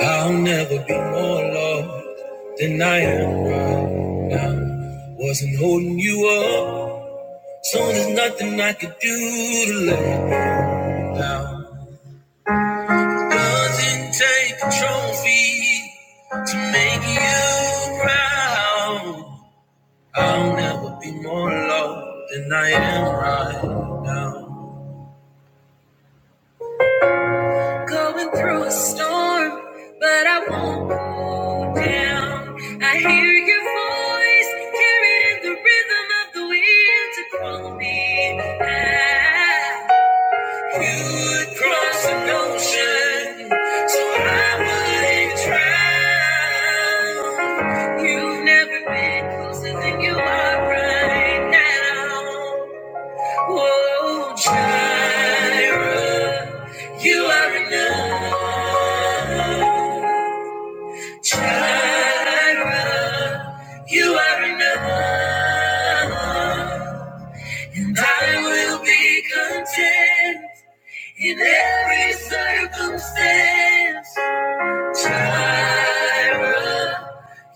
I'll never be more loved than I am right now. Wasn't holding you up, so there's nothing I could do to let you down. Doesn't take a trophy to make you proud. I'll never be more loved than I am right now. Going through a storm, you'd cross an ocean, so I would drown. You are enough, Jireh. You are enough, and I will be content in every circumstance. Jireh,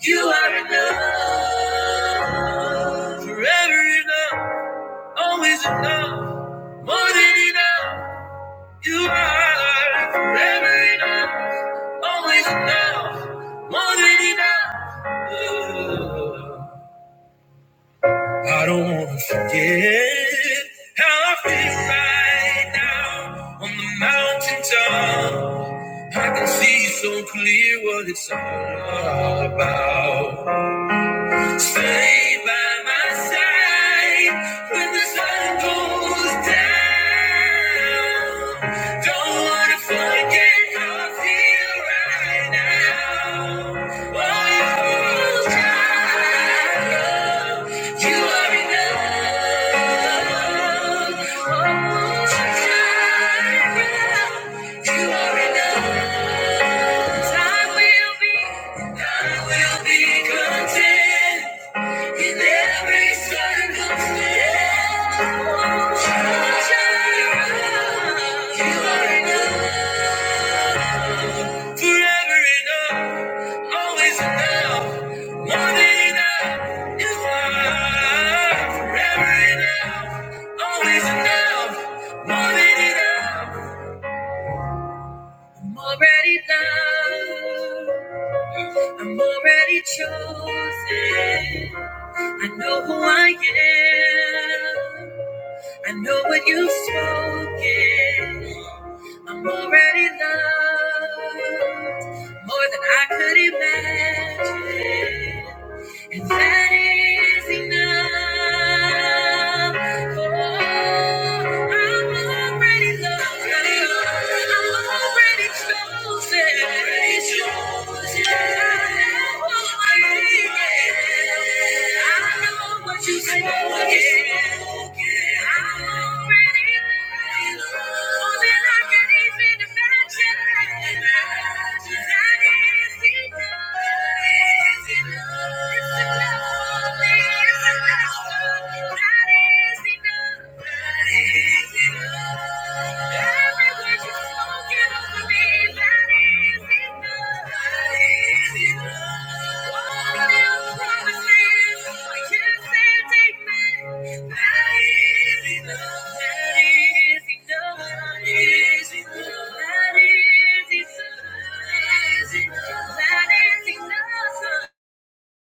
you are enough, forever enough, always enough, more than enough. You are forever enough, always enough, more than enough. I don't wanna forget how I feel right now on the mountaintop. I can see so clear what it's all about. Stay by my side when the sun goes down. Don't wanna forget how I feel right now. Oh, child, you are enough. Oh, child, you are enough. I will be, I will be content in every circumstance. You are enough, forever enough, always enough, more than enough. You are forever enough, always enough, more than enough. I'm already loved. I'm already chosen. I know who I am. I know what you've spoken. I'm already loved more than I could imagine. And that is enough. Oh, I'm already loved. I'm already chosen. Already chosen. I know who I am. I know what you said, I'm already loved. More than I can even imagine. That is enough. That is enough. That is enough.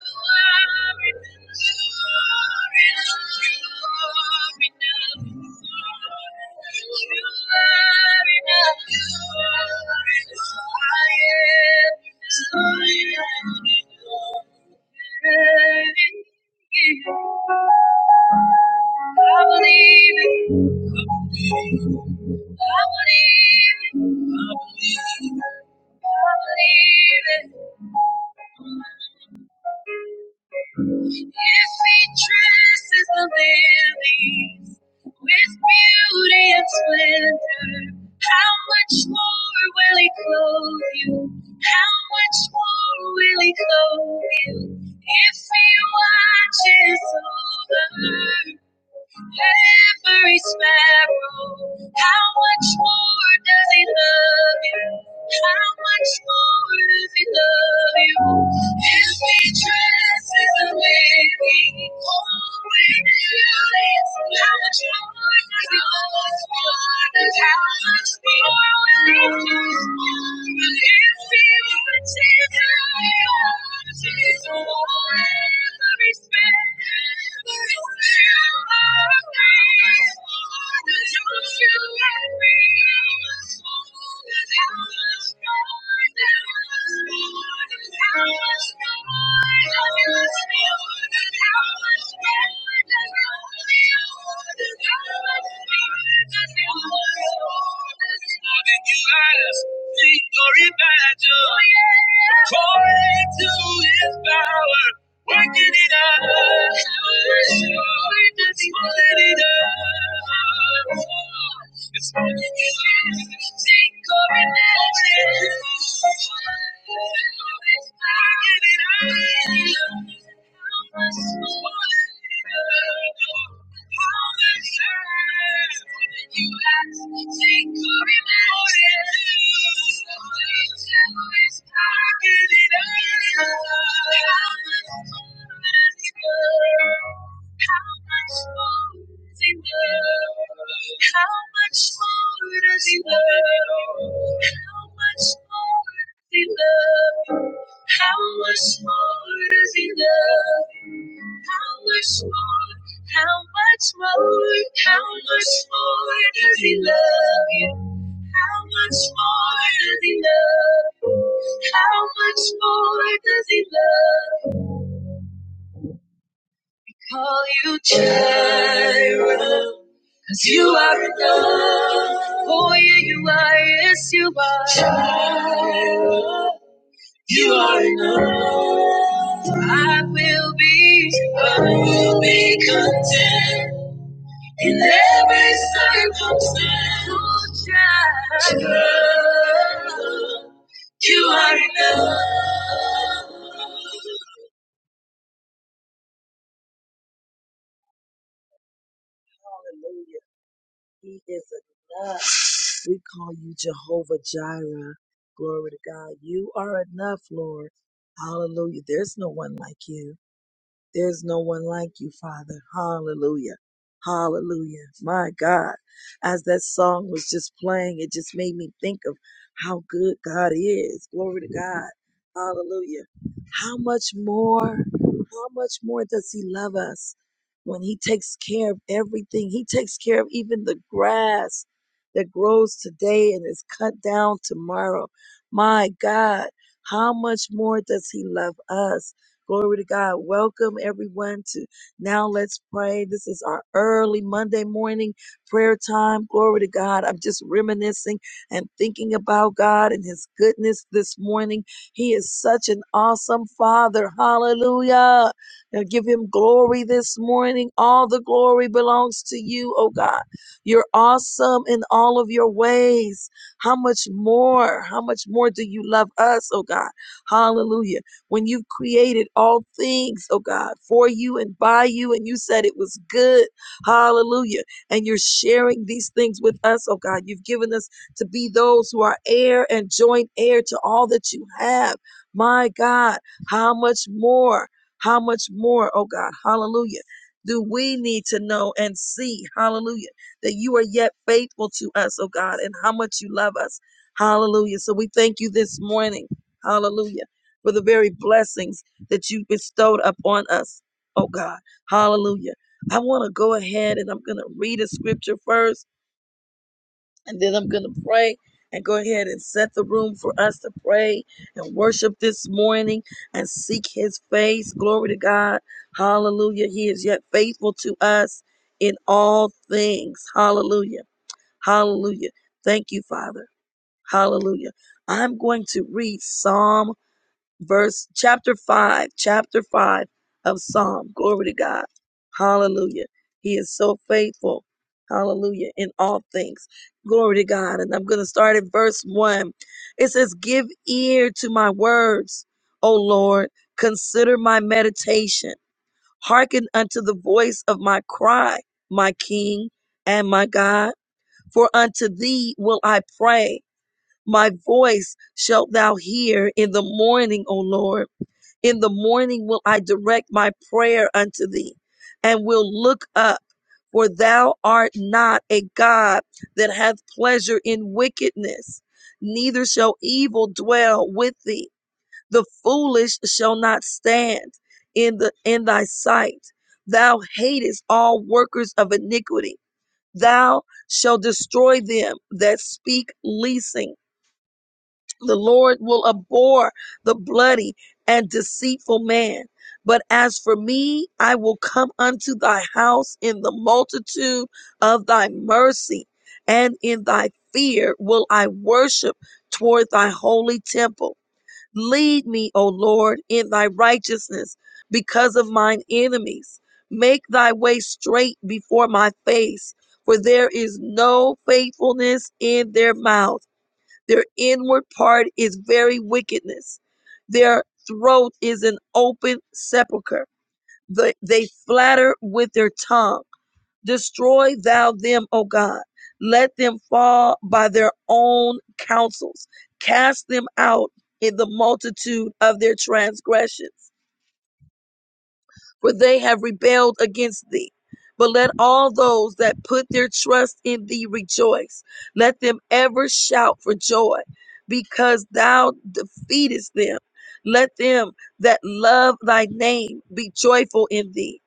I believe it. I believe it. I believe it. I believe it. If we dress as the lilies with beauty and splendor, how much more will He clothe you? How much more will He clothe you? If He watches over every sparrow. How much more does he love you? How much more does he love you? His beatress is a living, holy beauty. How much more does he love you? How much more will he do? If he were to die, Thank you. Victory imagine. according to his power, working in us, it's working in us, it's working in us. Think or imagine. working in us, it's working in us. How much time you ask, think or imagine. How much more does he love? How How much more? How much more? How much more does he love you? How much more does he love? How much more does he love? Call you Jireh, 'cause you are enough. Oh yeah, you are, yes you are. Jireh, you are enough. I will be, I will be content. In every circumstance, child, you are enough. Hallelujah. He is enough. We call you Jehovah Jireh. Glory to God. You are enough, Lord. Hallelujah. There's no one like you. There's no one like you, Father. Hallelujah. Hallelujah. My God. As that song was just playing, it just made me think of how good God is. Glory to God. Hallelujah. How much more, how much more does He love us when He takes care of everything? He takes care of even the grass that grows today and is cut down tomorrow. My God, how much more does He love us? Glory to God. Welcome everyone to Now Let's Pray. This is our early Monday morning prayer time. Glory to God. I'm just reminiscing and thinking about God and His goodness this morning. He is such an awesome Father. Hallelujah. Now give Him glory this morning. All the glory belongs to you, oh God. You're awesome in all of your ways. How much more? How much more do you love us, oh God? Hallelujah when you created all things, oh God, for you and by you, and you said it was good. Hallelujah. And you're sharing these things with us, oh God. You've given us to be those who are heir and joint heir to all that you have. My God, how much more, how much more, oh God, hallelujah, do we need to know and see, hallelujah, that you are yet faithful to us, oh God, and how much you love us. Hallelujah. So we thank you this morning. Hallelujah for the very blessings that you bestowed upon us, oh God. Hallelujah. I want to go ahead and I'm going to read a scripture first, and then I'm going to pray and go ahead and set the room for us to pray and worship this morning and seek his face. Glory to God. Hallelujah. He is yet faithful to us in all things. Hallelujah. Hallelujah. Thank you, Father. Hallelujah. I'm going to read Psalm verse chapter 5 chapter 5 of psalm glory to god hallelujah he is so faithful hallelujah in all things glory to god and i'm going to start at verse 1 it says give ear to my words o lord consider my meditation hearken unto the voice of my cry my king and my god for unto thee will i pray my voice shalt thou hear in the morning o lord in the morning will I direct my prayer unto thee and will look up, for thou art not a God that hath pleasure in wickedness, neither shall evil dwell with thee. The foolish shall not stand in the in thy sight. Thou hatest all workers of iniquity. Thou shalt destroy them that speak leasing the Lord will abhor the bloody and deceitful man. But as for me, I will come unto thy house in the multitude of thy mercy, and in thy fear will I worship toward thy holy temple. Lead me, O Lord, in thy righteousness because of mine enemies. Make thy way straight before my face, for there is no faithfulness in their mouth their inward part is very wickedness. Their throat is an open sepulchre. The- They flatter with their tongue. Destroy thou them, O God. Let them fall by their own counsels. Cast them out in the multitude of their transgressions for they have rebelled against thee. But let all those that put their trust in thee rejoice. Let them ever shout for joy because thou defeatest them. Let them that love thy name be joyful in thee.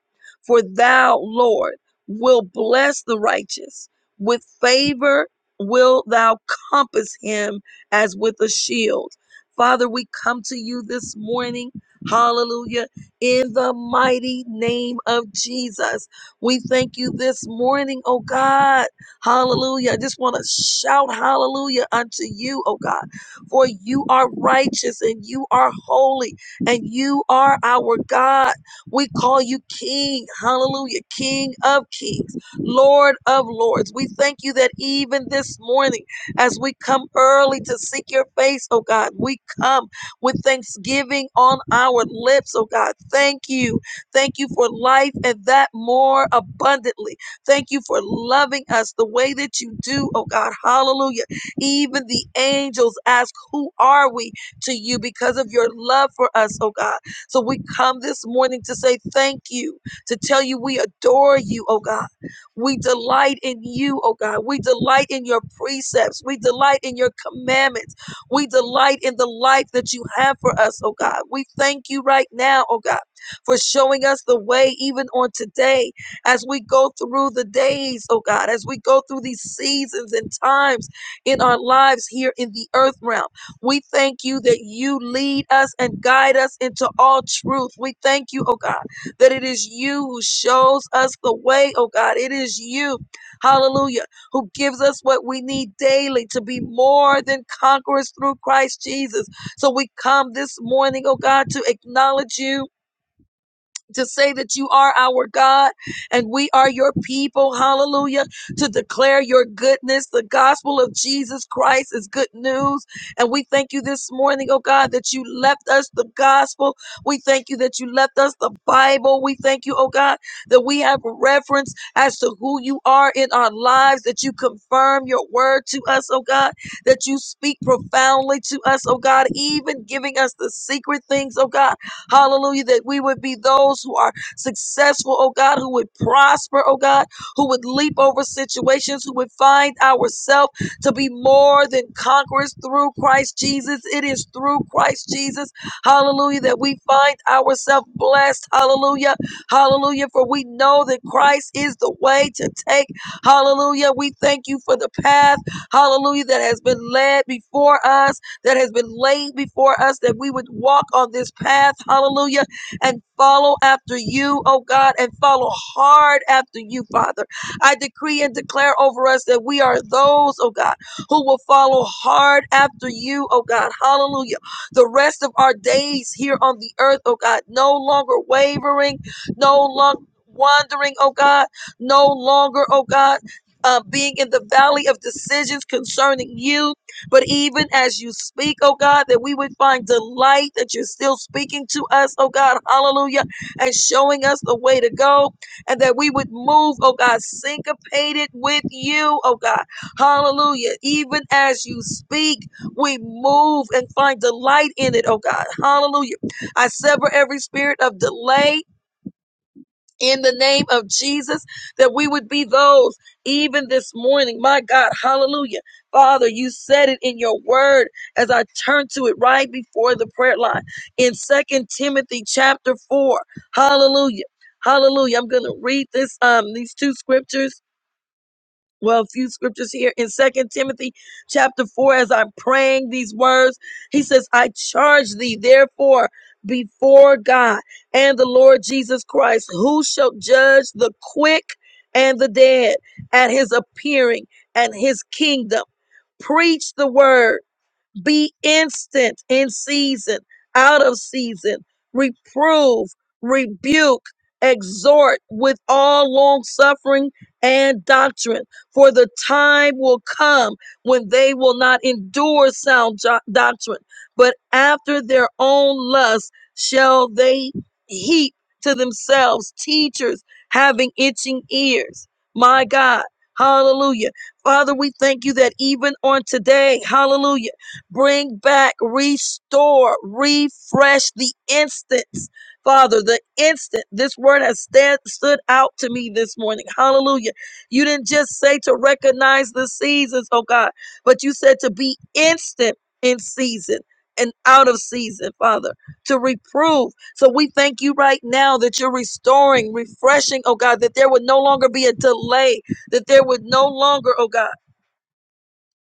For thou, Lord, will bless the righteous. With favor will thou compass him as with a shield. Father, we come to you this morning. Hallelujah in the mighty name of Jesus. We thank you this morning, oh God. Hallelujah. I just want to shout hallelujah unto you, oh God, for you are righteous and you are holy and you are our God. We call you King, hallelujah, King of kings, Lord of lords. We thank you that even this morning, as we come early to seek your face, oh God, we come with thanksgiving on our lips. Oh God, thank you. Thank you for life and that more abundantly. Thank you for loving us the way that you do. Oh God, hallelujah. Even the angels ask, Who are we to you because of your love for us, oh God? So we come this morning to say thank you, to tell you we adore you, oh God. We delight in you, oh God. We delight in your precepts. We delight in your commandments. We delight in the life that you have for us, oh God. We thank you right now, oh God, for showing us the way even on today as we go through the days, oh God, as we go through these seasons and times in our lives here in the earth realm. We thank you that you lead us and guide us into all truth. We thank you, oh God, that it is you who shows us the way, oh God. It is you, hallelujah who gives us what we need daily to be more than conquerors through Christ Jesus. So we come this morning, oh God, to acknowledge you to say that you are our God and we are your people. Hallelujah. To declare your goodness. The gospel of Jesus Christ is good news. And we thank you this morning, oh God, that you left us the gospel. We thank you that you left us the Bible. We thank you, oh God, that we have reference as to who you are in our lives, that you confirm your word to us, oh God, that you speak profoundly to us, oh God, even giving us the secret things, oh God Hallelujah. That we would be those who are successful, oh God, who would prosper, oh God, who would leap over situations, who would find ourselves to be more than conquerors through Christ Jesus. It is through Christ Jesus, hallelujah, that we find ourselves blessed, hallelujah, hallelujah, for we know that Christ is the way to take, hallelujah. We thank you for the path, hallelujah, that has been led before us, that has been laid before us, that we would walk on this path, hallelujah, and follow after you, oh God, and follow hard after you, Father. I decree and declare over us that we are those, oh God, who will follow hard after you, oh God, hallelujah. The rest of our days here on the earth, oh God, no longer wavering, no longer wandering, oh God, no longer, oh God. Uh, being in the valley of decisions concerning you, but even as you speak, oh God, that we would find delight that you're still speaking to us, oh God, hallelujah, and showing us the way to go, and that we would move, oh God, syncopated with you, oh God, hallelujah. Even as you speak, we move and find delight in it, oh God, hallelujah. I sever every spirit of delay in the name of Jesus, that we would be those even this morning. My God, hallelujah. Father, you said it in your word as I turn to it right before the prayer line in Second Timothy chapter 4. Hallelujah. Hallelujah. I'm going to read this um these two scriptures well, a few scriptures here in Second Timothy chapter four. As I'm praying these words, he says, "I charge thee, therefore, before God and the Lord Jesus Christ, who shall judge the quick and the dead at His appearing and His kingdom." Preach the word. Be instant in season, out of season. Reprove, rebuke, exhort with all long suffering and doctrine. For the time will come when they will not endure sound jo- doctrine, but after their own lust shall they heap to themselves teachers having itching ears. My God. Hallelujah. Father, we thank you that even on today, hallelujah. Bring back, restore, refresh the instance. Father, the instant this word has stand, stood out to me this morning. Hallelujah. You didn't just say to recognize the seasons, oh God, but you said to be instant in season and out of season, Father, to reprove. So we thank you right now that you're restoring, refreshing, oh God, that there would no longer be a delay, that there would no longer, oh God,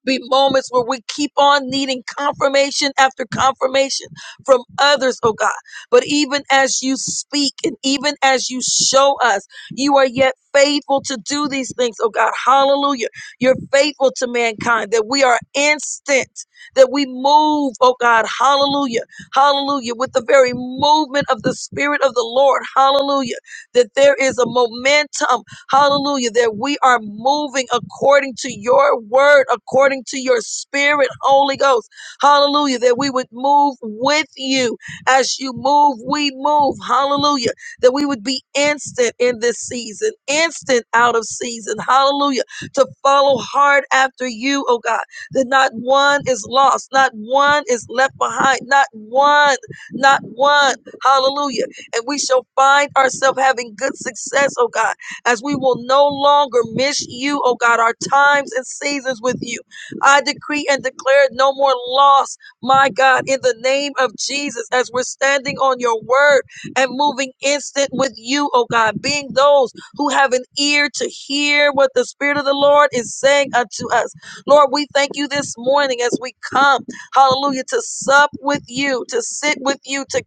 be moments where we keep on needing confirmation after confirmation from others, oh God. But even as you speak and even as you show us, you are yet faithful to do these things, oh God. Hallelujah. You're faithful to mankind that we are instant, that we move, oh God. Hallelujah. Hallelujah. With the very movement of the Spirit of the Lord, hallelujah. That there is a momentum, Hallelujah. That we are moving according to your word, according to your spirit, Holy Ghost. Hallelujah. That we would move with you. As you move, we move. Hallelujah. That we would be instant in this season, instant out of season. Hallelujah. To follow hard after you, oh God. That not one is lost, not one is left behind, not one, not one. Hallelujah. And we shall find ourselves having good success, oh God as we will no longer miss you, oh God, our times and seasons with you. I decree and declare no more loss, my God, in the name of Jesus, as we're standing on your word and moving instant with you, oh God, being those who have an ear to hear what the Spirit of the Lord is saying unto us. Lord, we thank you this morning as we come, hallelujah, to sup with you, to sit with you, to,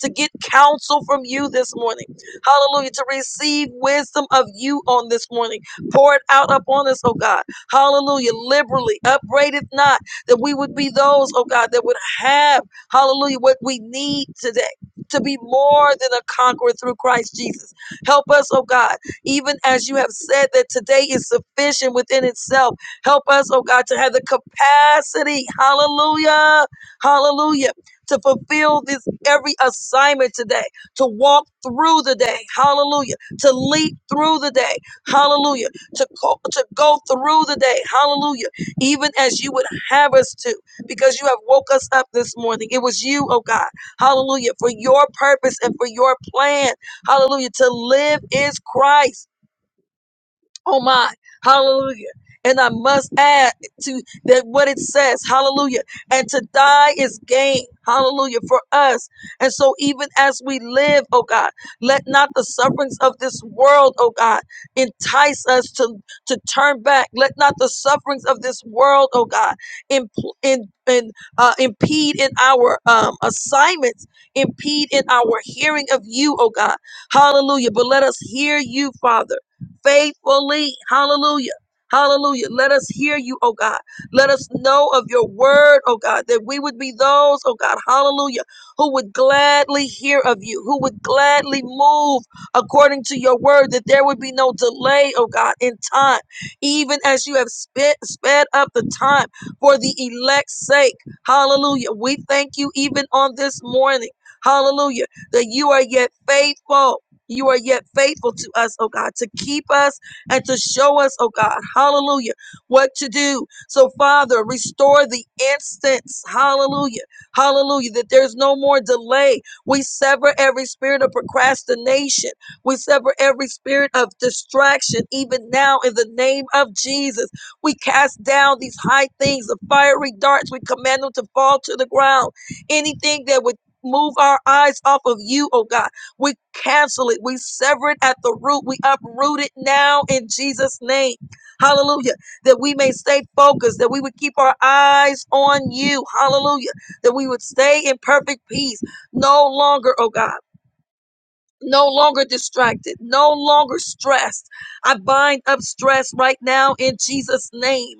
to get counsel from you this morning. Hallelujah. To receive wisdom of you on this morning. Pour it out upon us, oh God. Hallelujah. Liberally. Upbraid it not. That we would be those, oh God, that would have, hallelujah, what we need today. To be more than a conqueror through Christ Jesus. Help us, oh God, even as you have said that today is sufficient within itself. Help us, oh God, to have the capacity, hallelujah, hallelujah, to fulfill this every assignment today to walk through the day. Hallelujah. To leap through the day. Hallelujah. To, co- to go through the day. Hallelujah. Even as you would have us to, because you have woke us up this morning. It was you, oh God. Hallelujah. For your purpose and for your plan. Hallelujah. To live is Christ. Oh my, hallelujah. And I must add to that what it says, hallelujah. And to die is gain, hallelujah, for us. And so even as we live, oh God, let not the sufferings of this world, oh God, entice us to, to turn back. Let not the sufferings of this world, oh God, imp- in, in, uh, impede in our um, assignments, impede in our hearing of you, oh God. Hallelujah. But let us hear you, Father faithfully. Hallelujah. Hallelujah. Let us hear you, oh God. Let us know of your word, oh God, that we would be those, oh God, hallelujah, who would gladly hear of you, who would gladly move according to your word, that there would be no delay, oh God, in time, even as you have sped, sped up the time for the elect's sake. Hallelujah. We thank you even on this morning. Hallelujah. That you are yet faithful. You are yet faithful to us, oh God, to keep us and to show us, oh God, hallelujah, what to do. So, Father, restore the instance, hallelujah, hallelujah, that there's no more delay. We sever every spirit of procrastination, we sever every spirit of distraction, even now, in the name of Jesus. We cast down these high things, the fiery darts, we command them to fall to the ground. Anything that would Move our eyes off of you, oh God we cancel it. We sever it at the root. We uproot it now in Jesus' name. Hallelujah. That we may stay focused, that we would keep our eyes on you. Hallelujah. That we would stay in perfect peace. No longer, oh God. No longer distracted, no longer stressed. I bind up stress right now in Jesus' name.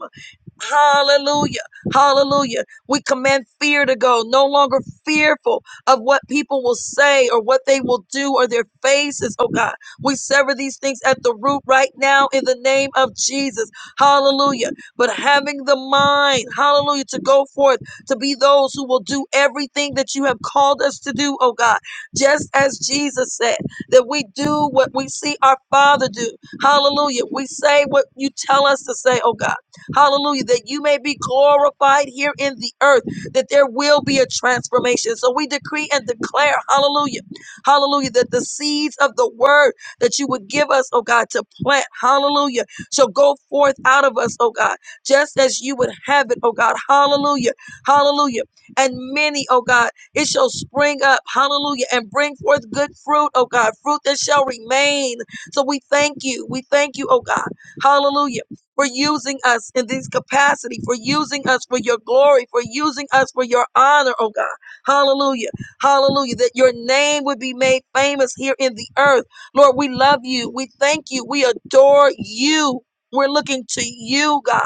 Hallelujah. Hallelujah. We command fear to go, no longer fearful of what people will say or what they will do or their faces. Oh God, we sever these things at the root right now in the name of Jesus. Hallelujah. But having the mind, hallelujah, to go forth, to be those who will do everything that you have called us to do, oh God, just as Jesus said, that we do what we see our Father do. Hallelujah. We say what you tell us to say, oh God. Hallelujah. That you may be glorified here in the earth, that there will be a transformation. So we decree and declare, hallelujah, hallelujah, that the seeds of the word that you would give us, oh God, to plant, hallelujah, shall go forth out of us, oh God, just as you would have it, oh God, hallelujah, hallelujah. And many, oh God, it shall spring up, hallelujah, and bring forth good fruit, oh God, fruit that shall remain. So we thank you, we thank you, oh God, hallelujah for using us in this capacity, for using us for your glory, for using us for your honor, oh God. Hallelujah. Hallelujah. That your name would be made famous here in the earth. Lord, we love you. We thank you. We adore you. We're looking to you, God.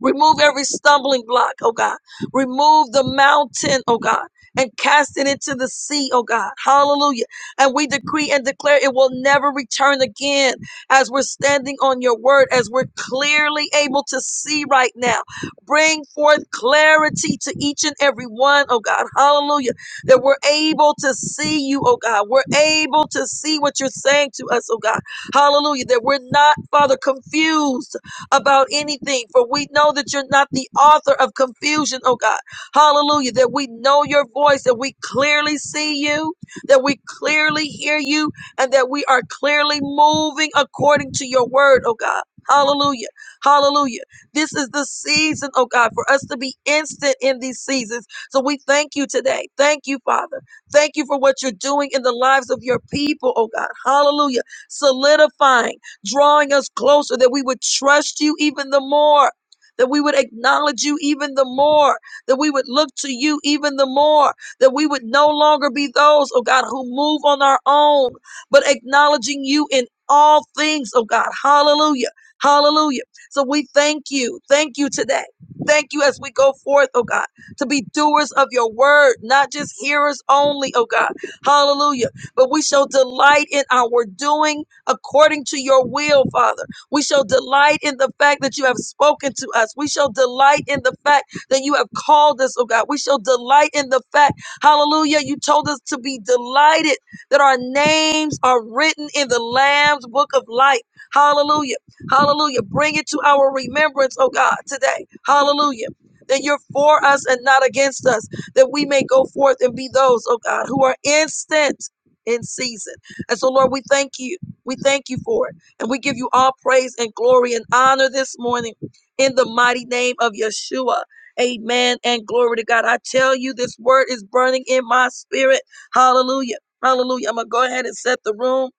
Remove every stumbling block, oh God. Remove the mountain, oh God, and cast it into the sea, oh God. Hallelujah. And we decree and declare it will never return again as we're standing on your word, as we're clearly able to see right now. Bring forth clarity to each and every one, oh God. Hallelujah. That we're able to see you, oh God. We're able to see what you're saying to us, oh God. Hallelujah. That we're not, Father, confused about anything, for we know that you're not the author of confusion, oh God. Hallelujah. That we know your voice, that we clearly see you, that we clearly hear you, and that we are clearly moving according to your word, oh God. Hallelujah. Hallelujah. This is the season, oh God, for us to be instant in these seasons. So we thank you today. Thank you, Father. Thank you for what you're doing in the lives of your people, oh God. Hallelujah. Solidifying drawing us closer, that we would trust you even the more, that we would acknowledge you even the more, that we would look to you even the more, that we would no longer be those, oh God, who move on our own, but acknowledging you in all things, oh God. Hallelujah. Hallelujah. So we thank you. Thank you today. Thank you as we go forth, oh God, to be doers of your word, not just hearers only, oh God. Hallelujah. But we shall delight in our doing according to your will, Father. We shall delight in the fact that you have spoken to us. We shall delight in the fact that you have called us, oh God. We shall delight in the fact, hallelujah, you told us to be delighted that our names are written in the Lamb's book of life. Hallelujah. Hallelujah. Bring it to our remembrance, oh God, today. Hallelujah. That you're for us and not against us, that we may go forth and be those, oh God, who are instant in season. And so, Lord, we thank you. We thank you for it. And we give you all praise and glory and honor this morning in the mighty name of Yeshua. Amen and glory to God. I tell you, this word is burning in my spirit. Hallelujah. Hallelujah. I'm going to go ahead and set the room.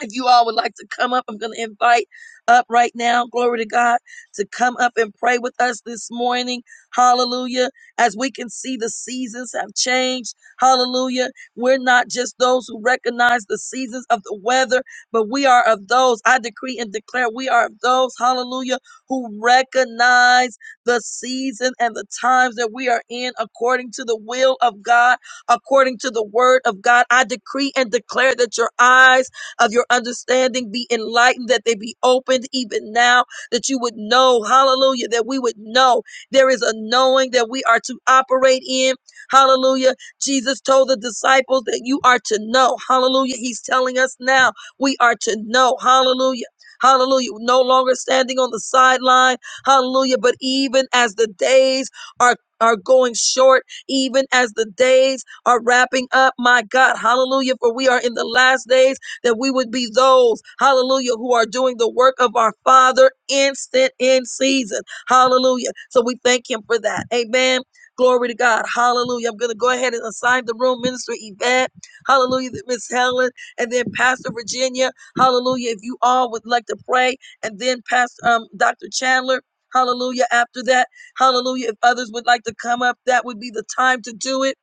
If you all would like to come up, I'm going to invite up right now, glory to God, to come up and pray with us this morning. Hallelujah. As we can see, the seasons have changed. Hallelujah. We're not just those who recognize the seasons of the weather, but we are of those, I decree and declare, we are of those, hallelujah, who recognize the season and the times that we are in according to the will of God, according to the word of God. I decree and declare that your eyes of your understanding be enlightened, that they be opened even now, that you would know, hallelujah, that we would know. There is a knowing that we are to operate in, hallelujah. Jesus told the disciples that you are to know, hallelujah. He's telling us now we are to know, hallelujah. Hallelujah. No longer standing on the sideline. Hallelujah. But even as the days are, are going short, even as the days are wrapping up, my God. Hallelujah. For we are in the last days that we would be those, hallelujah, who are doing the work of our Father instant in season. Hallelujah. So we thank Him for that. Amen. Glory to God. Hallelujah. I'm going to go ahead and assign the room, Minister Yvette. Hallelujah. Miss Helen. And then Pastor Virginia. Hallelujah. If you all would like to pray. And then Pastor um, Dr. Chandler. Hallelujah. After that, hallelujah. If others would like to come up, that would be the time to do it.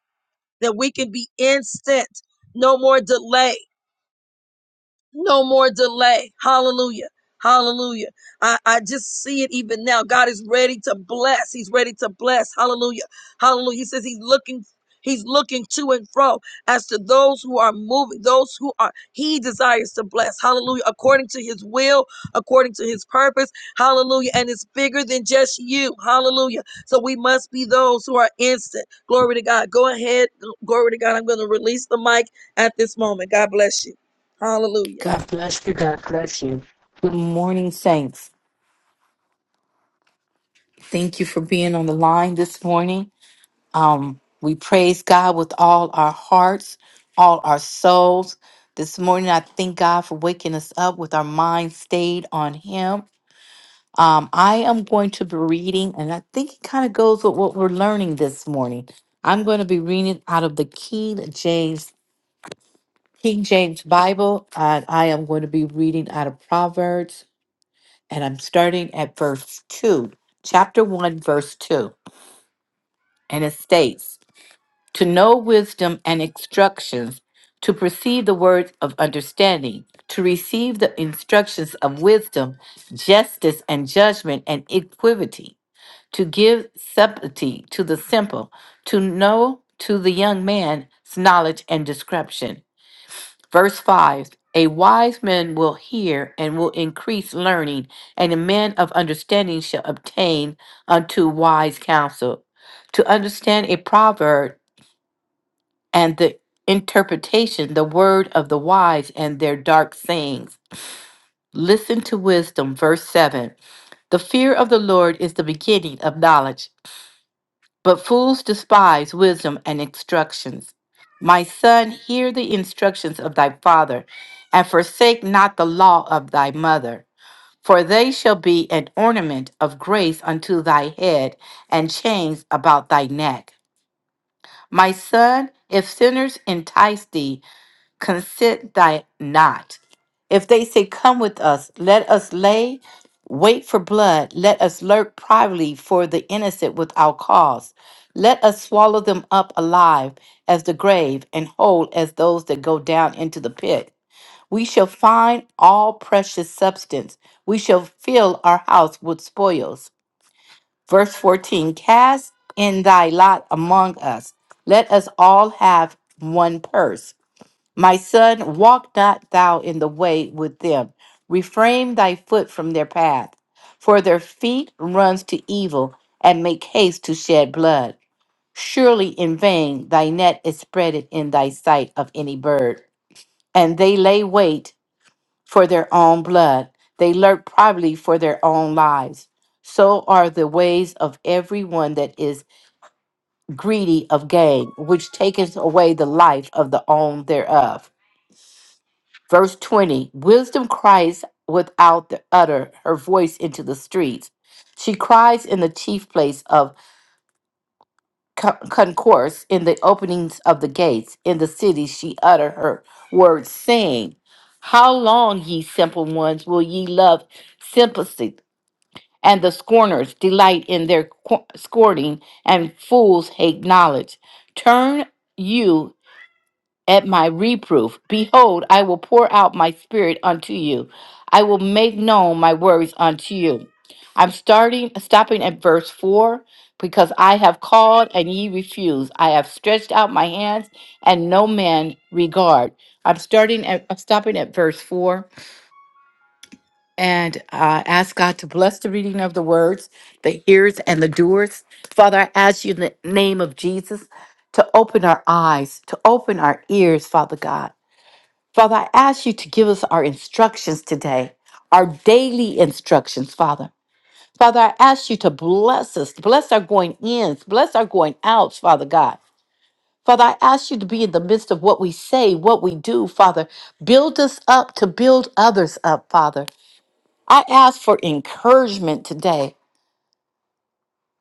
That we can be instant. No more delay. No more delay. Hallelujah. Hallelujah. I, I just see it even now. God is ready to bless. He's ready to bless. Hallelujah. Hallelujah. He says he's looking, he's looking to and fro as to those who are moving, those who are, he desires to bless. Hallelujah. According to his will, according to his purpose. Hallelujah. And it's bigger than just you. Hallelujah. So we must be those who are instant. Glory to God. Go ahead. Glory to God. I'm going to release the mic at this moment. God bless you. Hallelujah. God bless you. God bless you. Good morning, saints. Thank you for being on the line this morning. Um, we praise God with all our hearts, all our souls. This morning, I thank God for waking us up with our minds stayed on Him. Um, I am going to be reading, and I think it kind of goes with what we're learning this morning. I'm going to be reading out of the King James King James Bible, and I am going to be reading out of Proverbs and I'm starting at verse 2, chapter 1, verse 2. And it states, To know wisdom and instructions, to perceive the words of understanding, to receive the instructions of wisdom, justice and judgment and equity, to give subtlety to the simple, to know to the young man's knowledge and description, Verse 5 A wise man will hear and will increase learning, and a man of understanding shall obtain unto wise counsel. To understand a proverb and the interpretation, the word of the wise and their dark sayings. Listen to wisdom. Verse 7 The fear of the Lord is the beginning of knowledge But fools despise wisdom and instructions. My son, hear the instructions of thy father, and forsake not the law of thy mother, for they shall be an ornament of grace unto thy head, and chains about thy neck. My son, if sinners entice thee, consent thy not. If they say, Come with us, let us lay wait for blood, let us lurk privately for the innocent without cause. Let us swallow them up alive as the grave, and whole as those that go down into the pit. We shall find all precious substance. We shall fill our house with spoils. Verse 14 Cast in thy lot among us. Let us all have one purse. My son, walk not thou in the way with them. Refrain thy foot from their path, for their feet runs to evil and make haste to shed blood. Surely in vain thy net is spreaded in thy sight of any bird. And they lay wait for their own blood. They lurk probably for their own lives. So are the ways of everyone that is greedy of gain, which taketh away the life of the own thereof. Verse 20 Wisdom cries without the utter her voice into the streets. She cries in the chief place of co- concourse, in the openings of the gates. In the city she utter her words, saying, How long, ye simple ones, will ye love simplicity? And the scorners delight in their qu- scorning, and fools hate knowledge. Turn you at my reproof. Behold, I will pour out my spirit unto you. I will make known my words unto you. I'm starting stopping at verse 4 because I have called and ye refuse. I have stretched out my hands and no man regard. I'm starting at I'm stopping at verse 4 and uh, ask God to bless the reading of the words, the hearers and the doers. Father, I ask you in the name of Jesus to open our eyes, to open our ears, Father God Father, I ask you to give us our instructions today, our daily instructions, Father. Father, I ask you to bless us, bless our going ins, bless our going outs, Father God. Father, I ask you to be in the midst of what we say, what we do, Father. Build us up to build others up, Father. I ask for encouragement today.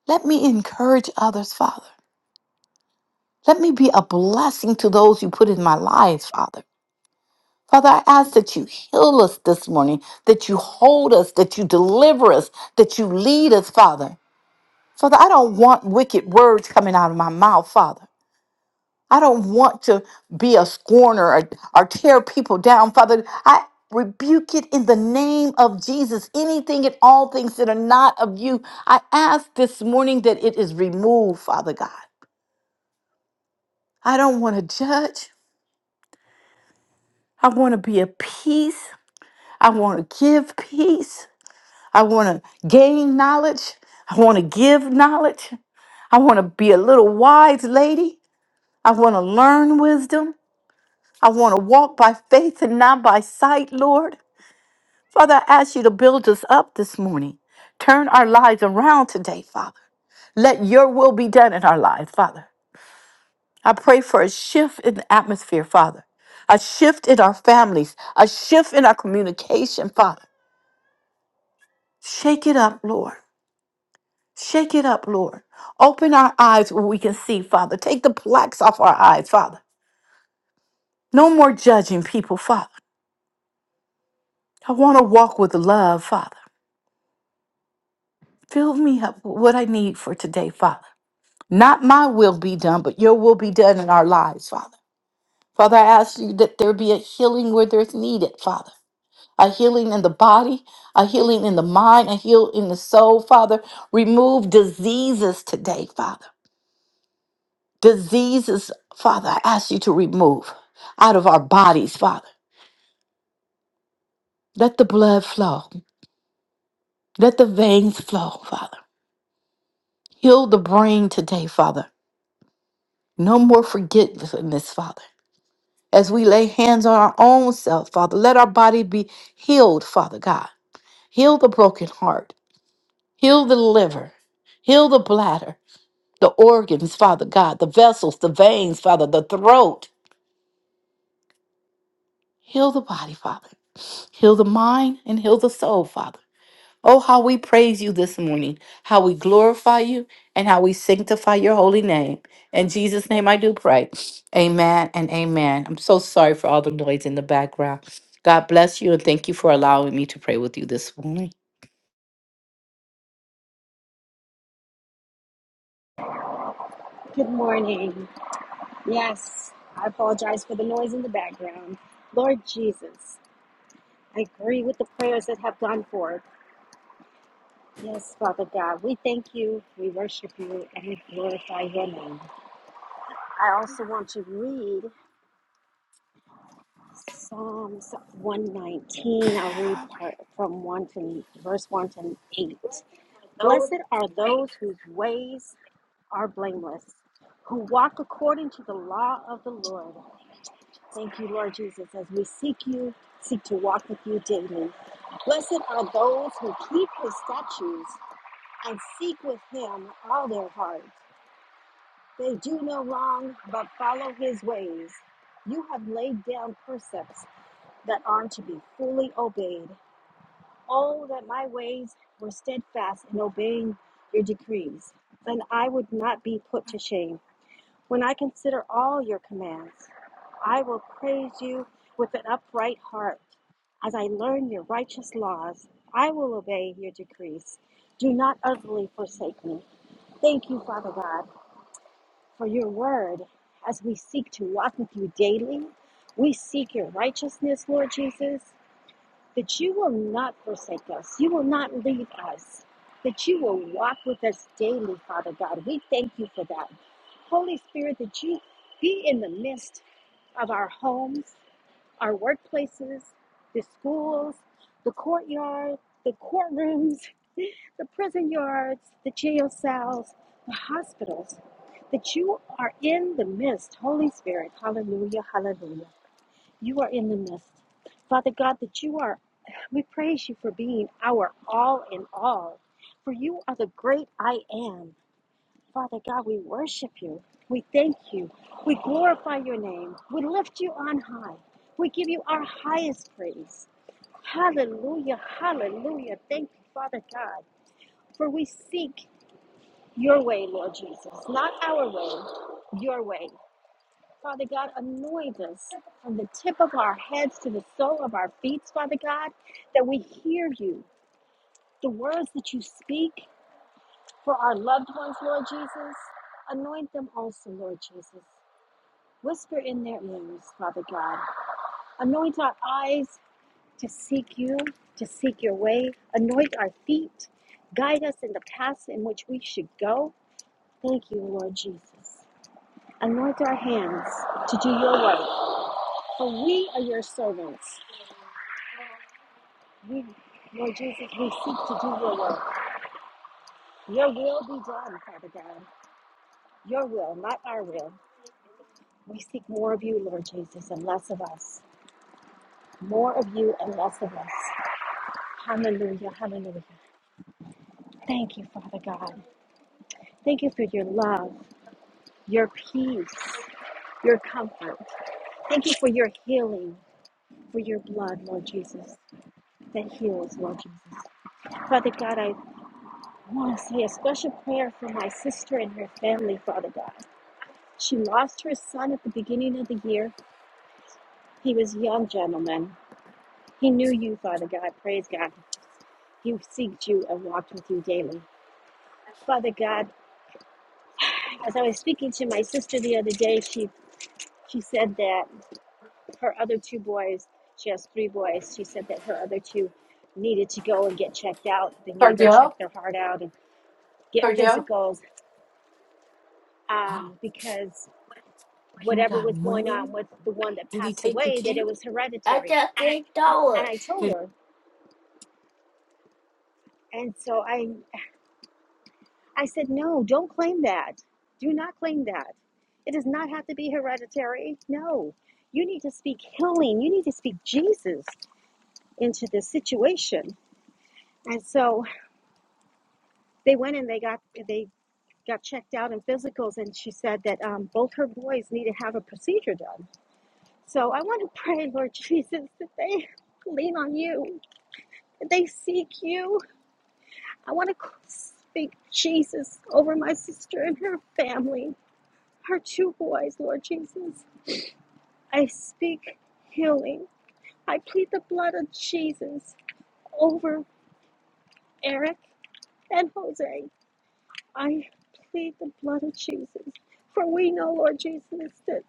Let me encourage others, Father. Let me be a blessing to those you put in my life, Father. Father, I ask that you heal us this morning, that you hold us, that you deliver us, that you lead us, Father. Father, I don't want wicked words coming out of my mouth, Father. I don't want to be a scorner or, or tear people down, Father. I rebuke it in the name of Jesus. Anything and all things that are not of you, I ask this morning that it is removed, Father God. I don't want to judge. I want to be at peace. I want to give peace. I want to gain knowledge. I want to give knowledge. I want to be a little wise lady. I want to learn wisdom. I want to walk by faith and not by sight, Lord. Father, I ask you to build us up this morning. Turn our lives around today, Father. Let your will be done in our lives, Father. I pray for a shift in the atmosphere, Father. A shift in our families, a shift in our communication, Father. Shake it up, Lord. Shake it up, Lord. Open our eyes where we can see, Father. Take the plaques off our eyes, Father. No more judging people, Father. I want to walk with love, Father. Fill me up with what I need for today, Father. Not my will be done, but your will be done in our lives, Father. Father, I ask you that there be a healing where there's needed, Father. A healing in the body, a healing in the mind, a heal in the soul, Father. Remove diseases today, Father. diseases, Father, I ask you to remove out of our bodies, Father. Let the blood flow. Let the veins flow, Father. Heal the brain today, Father. No more forgetfulness, Father. As we lay hands on our own self, Father, let our body be healed, Father God. Heal the broken heart. Heal the liver. Heal the bladder, the organs, Father God, the vessels, the veins, Father, the throat. Heal the body, Father. Heal the mind and heal the soul, Father. Oh, how we praise you this morning, how we glorify you, and how we sanctify your holy name. In Jesus' name, I do pray. Amen and amen. I'm so sorry for all the noise in the background. God bless you, and thank you for allowing me to pray with you this morning. Good morning. Yes, I apologize for the noise in the background. Lord Jesus, I agree with the prayers that have gone forth. Yes, Father God, we thank you, we worship you, and we glorify your name. I also want to read Psalms 119. I'll read part from 1 to verse 1 to 8. Blessed are those whose ways are blameless, who walk according to the law of the Lord. Thank you, Lord Jesus, as we seek you, seek to walk with you daily. Blessed are those who keep his statutes and seek with him all their heart. They do no wrong, but follow his ways. You have laid down precepts that are to be fully obeyed. Oh, that my ways were steadfast in obeying your decrees, then I would not be put to shame. When I consider all your commands, I will praise you with an upright heart. As I learn your righteous laws, I will obey your decrees. Do not utterly forsake me. Thank you, Father God, for your word. As we seek to walk with you daily, we seek your righteousness, Lord Jesus that you will not forsake us. You will not leave us. That you will walk with us daily, Father God. We thank you for that. Holy Spirit, that you be in the midst of our homes, our workplaces, the schools, the courtyard, the courtrooms, the prison yards, the jail cells, the hospitals. That you are in the midst, Holy Spirit. Hallelujah, hallelujah. You are in the midst. Father God, that you are, we praise you for being our all in all. For you are the great I am. Father God, we worship you. We thank you. We glorify your name. We lift you on high. We give you our highest praise. Hallelujah. Hallelujah. Thank you, Father God. For we seek your way, Lord Jesus. Not our way, your way. Father God, anoint us from the tip of our heads to the sole of our feet, Father God, that we hear you, the words that you speak for our loved ones, Lord Jesus. Anoint them also, Lord Jesus. Whisper in their ears, Father God. Anoint our eyes to seek you, to seek your way. Anoint our feet. Guide us in the paths in which we should go. Thank you, Lord Jesus. Anoint our hands to do your work, for we are your servants. We, Lord Jesus, we seek to do your will. Your will be done, Father God. Your will, not our will. We seek more of you, Lord Jesus, and less of us. More of you and less of us. Hallelujah, hallelujah. Thank you, Father God. Thank you for your love, your peace, your comfort. Thank you for your healing, for your blood, Lord Jesus, that heals, Lord Jesus. Father God, I want to say a special prayer for my sister and her family, Father God. She lost her son at the beginning of the year. He was a young gentleman. He knew you, Father God. Praise God. He seeks you and walked with you daily. Father God, as I was speaking to my sister the other day, she she said that her other two boys, she has three boys, she said that her other two needed to go and get checked out. They need to go check Cardell, their heart out and get Cardell, physicals oh, um, because you whatever got was going money? on with the one that Did he passed take the away, that key? it was hereditary. And I told I- her, and so I I said, no, don't claim that. Do not claim that. It does not have to be hereditary. No, you need to speak healing. You need to speak Jesus into this situation. And so they went and they got they got checked out in physicals, and she said that um, both her boys need to have a procedure done. So I want to pray, Lord Jesus, that they lean on you, that they seek you. I want to speak Jesus over my sister and her family, her two boys, Lord Jesus. I speak healing. I plead the blood of Jesus over Eric and Jose. I plead the blood of Jesus. For we know, Lord Jesus, that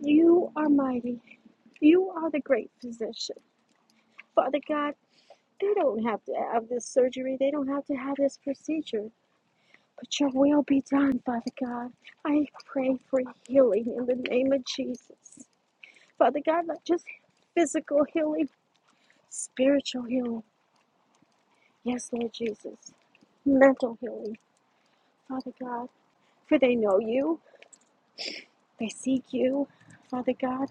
you are mighty. You are the great physician. Father God, they don't have to have this surgery, they don't have to have this procedure. But your will be done, Father God. I pray for healing in the name of Jesus. Father God, not just physical healing, spiritual healing Yes, Lord Jesus. Mental healing, Father God, for they know you, they seek you, Father God,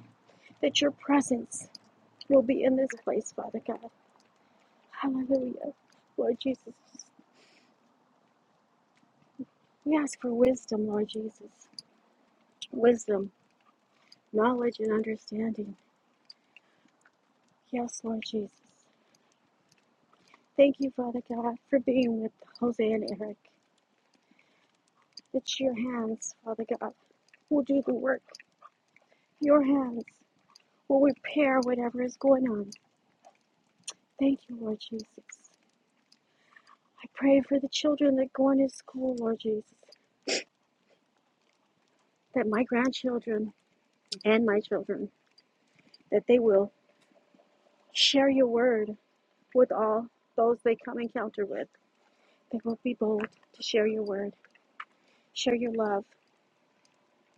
that your presence will be in this place, Father God. Hallelujah. Lord Jesus, we ask for wisdom, Lord Jesus. Wisdom, knowledge, and understanding. Yes, Lord Jesus. Thank you, Father God, for being with Jose and Eric. It's your hands, Father God, will do the work. Your hands will repair whatever is going on. Thank you, Lord Jesus. I pray for the children that go into school, Lord Jesus, that my grandchildren and my children, that they will share your word with all those they come encounter with. They will be bold to share your word, share your love.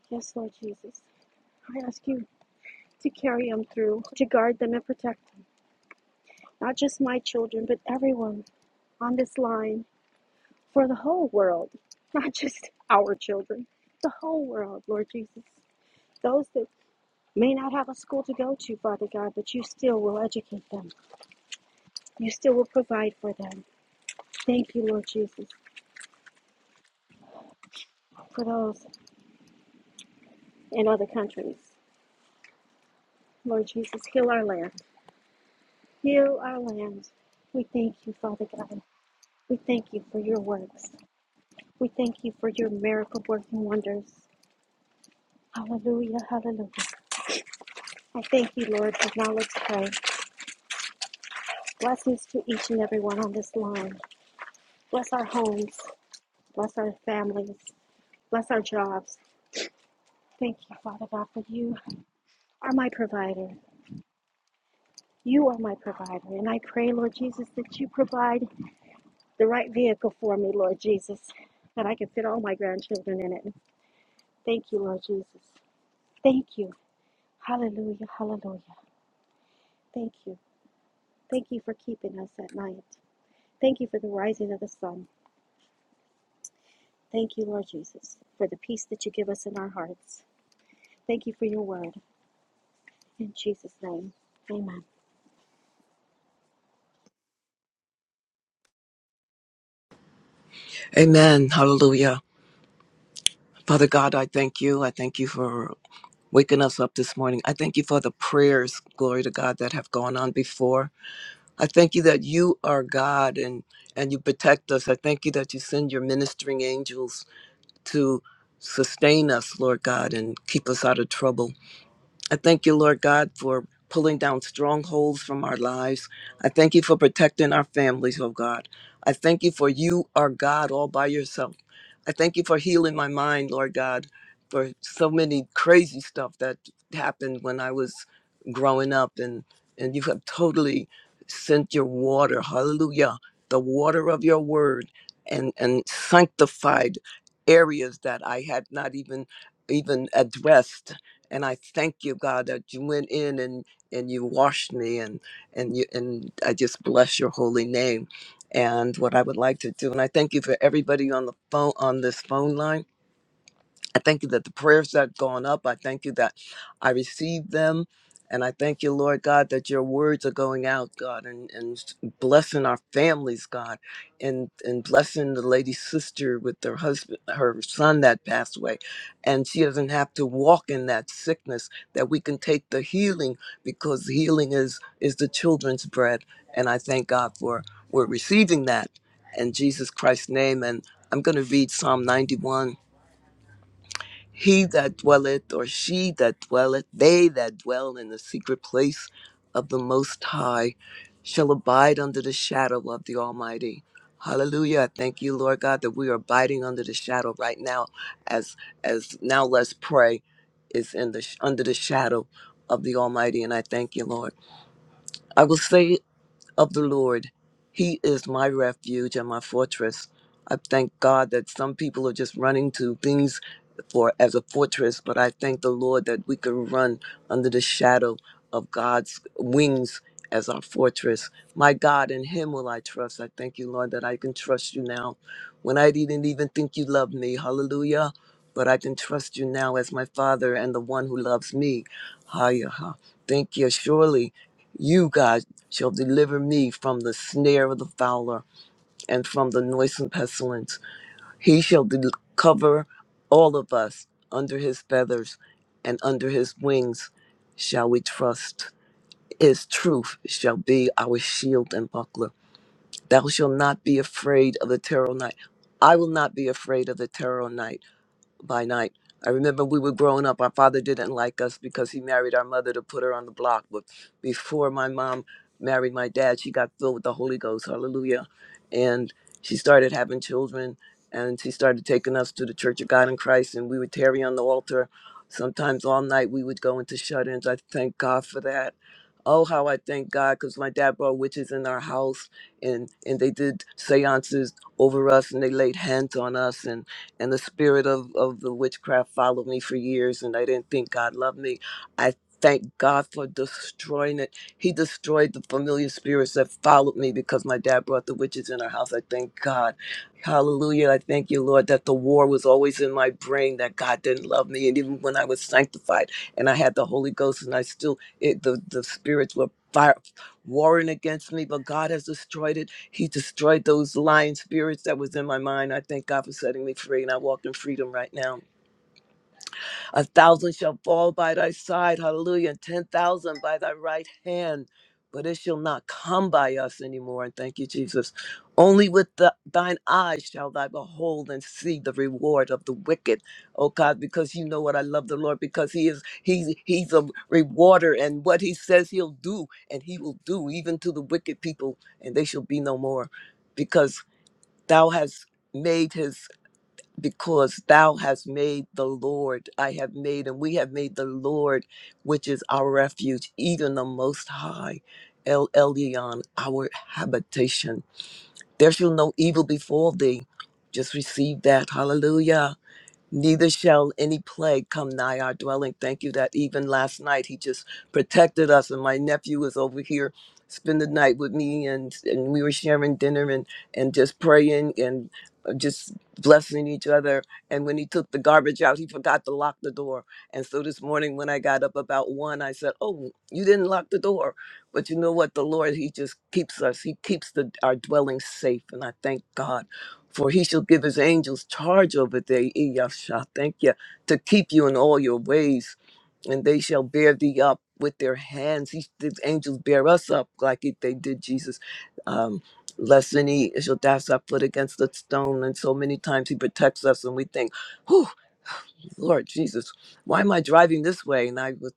Yes, Lord Jesus. I ask you to carry them through, to guard them and protect them. Not just my children, but everyone on this line for the whole world, not just our children, the whole world, Lord Jesus. Those that may not have a school to go to, Father God, but you still will educate them. You still will provide for them. Thank you, Lord Jesus, for those in other countries. Lord Jesus, heal our land. Heal our land. We thank you, Father God. We thank you for your works. We thank you for your miracle working wonders. Hallelujah, hallelujah. I thank you, Lord, as now let's pray. Blessings to each and every one on this line. Bless our homes. Bless our families. Bless our jobs. Thank you, Father God, for you are my provider. You are my provider. And I pray, Lord Jesus, that you provide the right vehicle for me, Lord Jesus, that I can fit all my grandchildren in it. Thank you, Lord Jesus. Thank you. Hallelujah. Hallelujah. Thank you. Thank you for keeping us at night. Thank you for the rising of the sun. Thank you, Lord Jesus, for the peace that you give us in our hearts. Thank you for your word. In Jesus' name, amen. Amen. Hallelujah. Father God, I thank you. I thank you for waking us up this morning. I thank you for the prayers, glory to God, that have gone on before. I thank you that you are God and and you protect us. I thank you that you send your ministering angels to sustain us, Lord God, and keep us out of trouble. I thank you, Lord God, for pulling down strongholds from our lives. I thank you for protecting our families, oh God. I thank you for you are God all by yourself. I thank you for healing my mind, Lord God, for so many crazy stuff that happened when I was growing up and and you have totally sent your water, hallelujah, the water of your word and and sanctified areas that I had not even even addressed and I thank you, God, that you went in and and you washed me, and and you and I just bless your holy name. And what I would like to do, and I thank you for everybody on the phone on this phone line. I thank you that the prayers that gone up, I thank you that I received them. And I thank you, Lord God, that your words are going out, God, and, and blessing our families, God, and, and blessing the lady's sister with her husband, her son that passed away. And she doesn't have to walk in that sickness, that we can take the healing because healing is, is the children's bread. And I thank God for we're receiving that in Jesus Christ's name. And I'm going to read Psalm 91 he that dwelleth, or she that dwelleth, they that dwell in the secret place of the Most High shall abide under the shadow of the Almighty. Hallelujah. I thank you, Lord God, that we are abiding under the shadow right now as as now let's pray is in the sh- under the shadow of the Almighty and I thank you, Lord. I will say of the Lord. He is my refuge and my fortress. I thank God that some people are just running to things for as a fortress, but I thank the Lord that we can run under the shadow of God's wings as our fortress. My God, in Him will I trust. I thank you, Lord, that I can trust you now. When I didn't even think you loved me, hallelujah. But I can trust you now as my Father and the one who loves me. Hiya. Thank you. Surely You God shall deliver me from the snare of the fowler and from the noisome pestilence. He shall del- cover all of us under his feathers, and under his wings shall we trust. His truth shall be our shield and buckler. Thou shalt not be afraid of the terror night. I will not be afraid of the terror night by night. I remember we were growing up. Our father didn't like us because he married our mother to put her on the block. But before my mom married my dad, she got filled with the Holy Ghost. Hallelujah. And she started having children and she started taking us to the Church of God in Christ. And we would tarry on the altar. Sometimes all night we would go into shut ins. I thank God for that. Oh, how I thank God because my dad brought witches in our house and, and they did seances over us and they laid hands on us. and and the spirit of, of the witchcraft followed me for years and I didn't think God loved me. I thank God for destroying it. He destroyed the familiar spirits that followed me because my dad brought the witches in our house. I thank God. Hallelujah. I thank you, Lord, that the war was always in my brain that God didn't love me. And even when I was sanctified and I had the Holy Ghost and I still, it, the, the spirits were fire warring against me, but God has destroyed it. He destroyed those lying spirits that was in my mind. I thank God for setting me free, and I walk in freedom right now. A thousand shall fall by thy side, hallelujah, and 10,000 by thy right hand, but it shall not come by us anymore. And thank you, Jesus. Only with the, thine eyes shall thou behold and see the reward of the wicked. Oh God, because you know what I love the Lord, because He is He's He's a rewarder, and what He says He'll do, and He will do even to the wicked people, and they shall be no more, because Thou hast made His because thou hast made the Lord, I have made, and we have made the Lord, which is our refuge, even the Most High, El Elyon, our habitation. There shall no evil befall thee. Just receive that. Hallelujah Neither shall any plague come nigh our dwelling. Thank you that even last night he just protected us. And my nephew was over here, spend the night with me, and, and we were sharing dinner and, and just praying and uh, just blessing each other. And when he took the garbage out, he forgot to lock the door. And so this morning when I got up about one, I said, Oh, you didn't lock the door. But you know what? The Lord, he just keeps us, he keeps the, our dwelling safe. And I thank God. For he shall give his angels charge over thee, eh, Yasha, thank you, to keep you in all your ways, and they shall bear thee up with their hands. He, the angels bear us up like it, they did Jesus. Um, lest any shall dash our foot against the stone. And so many times he protects us, and we think, whew, Lord Jesus, why am I driving this way? And I was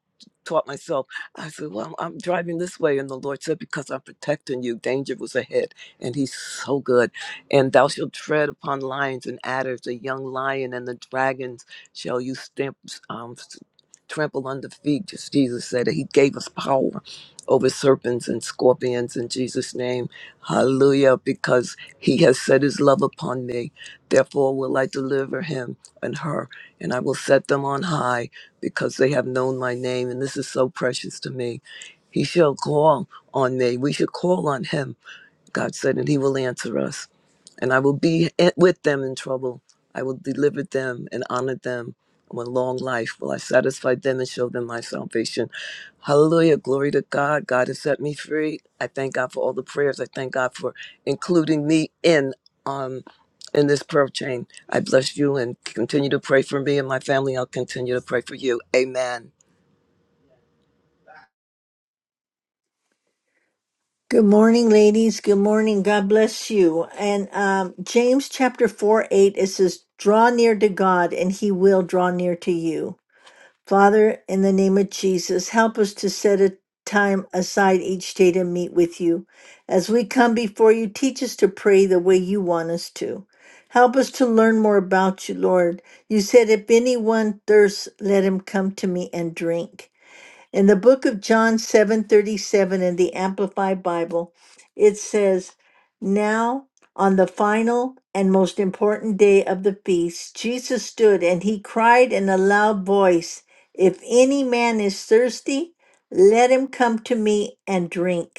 taught myself, I said, Well, I'm driving this way. And the Lord said, Because I'm protecting you, danger was ahead. And He's so good. And thou shalt tread upon lions and adders, the young lion and the dragons shall you stamp, um, s- trample under feet. Just Jesus said that He gave us power over serpents and scorpions in Jesus' name. Hallelujah. Because He has set His love upon me. Therefore, will I deliver Him and her and I will set them on high because they have known my name, and this is so precious to me. He shall call on me. We should call on him God said, and He will answer us. And I will be at- with them in trouble. I will deliver them and honor them. And with long life will I satisfy them and show them my salvation. Hallelujah. Glory to God. God has set me free. I thank God for all the prayers. I thank God for including me in um in this prayer chain. I bless you and continue to pray for me and my family. I'll continue to pray for you. Amen. Good morning, ladies. Good morning. God bless you. And um, James chapter 4 8, it says, Draw near to God, and he will draw near to you. Father, in the name of Jesus, help us to set a time aside each day to meet with you. As we come before you, teach us to pray the way you want us to. Help us to learn more about you, Lord. You said, If anyone thirsts, let him come to me and drink. In the book of John 7:37 in the Amplified Bible, it says, "Now on the final and most important day of the feast, Jesus stood and he cried in a loud voice, 'If any man is thirsty, let him come to me and drink."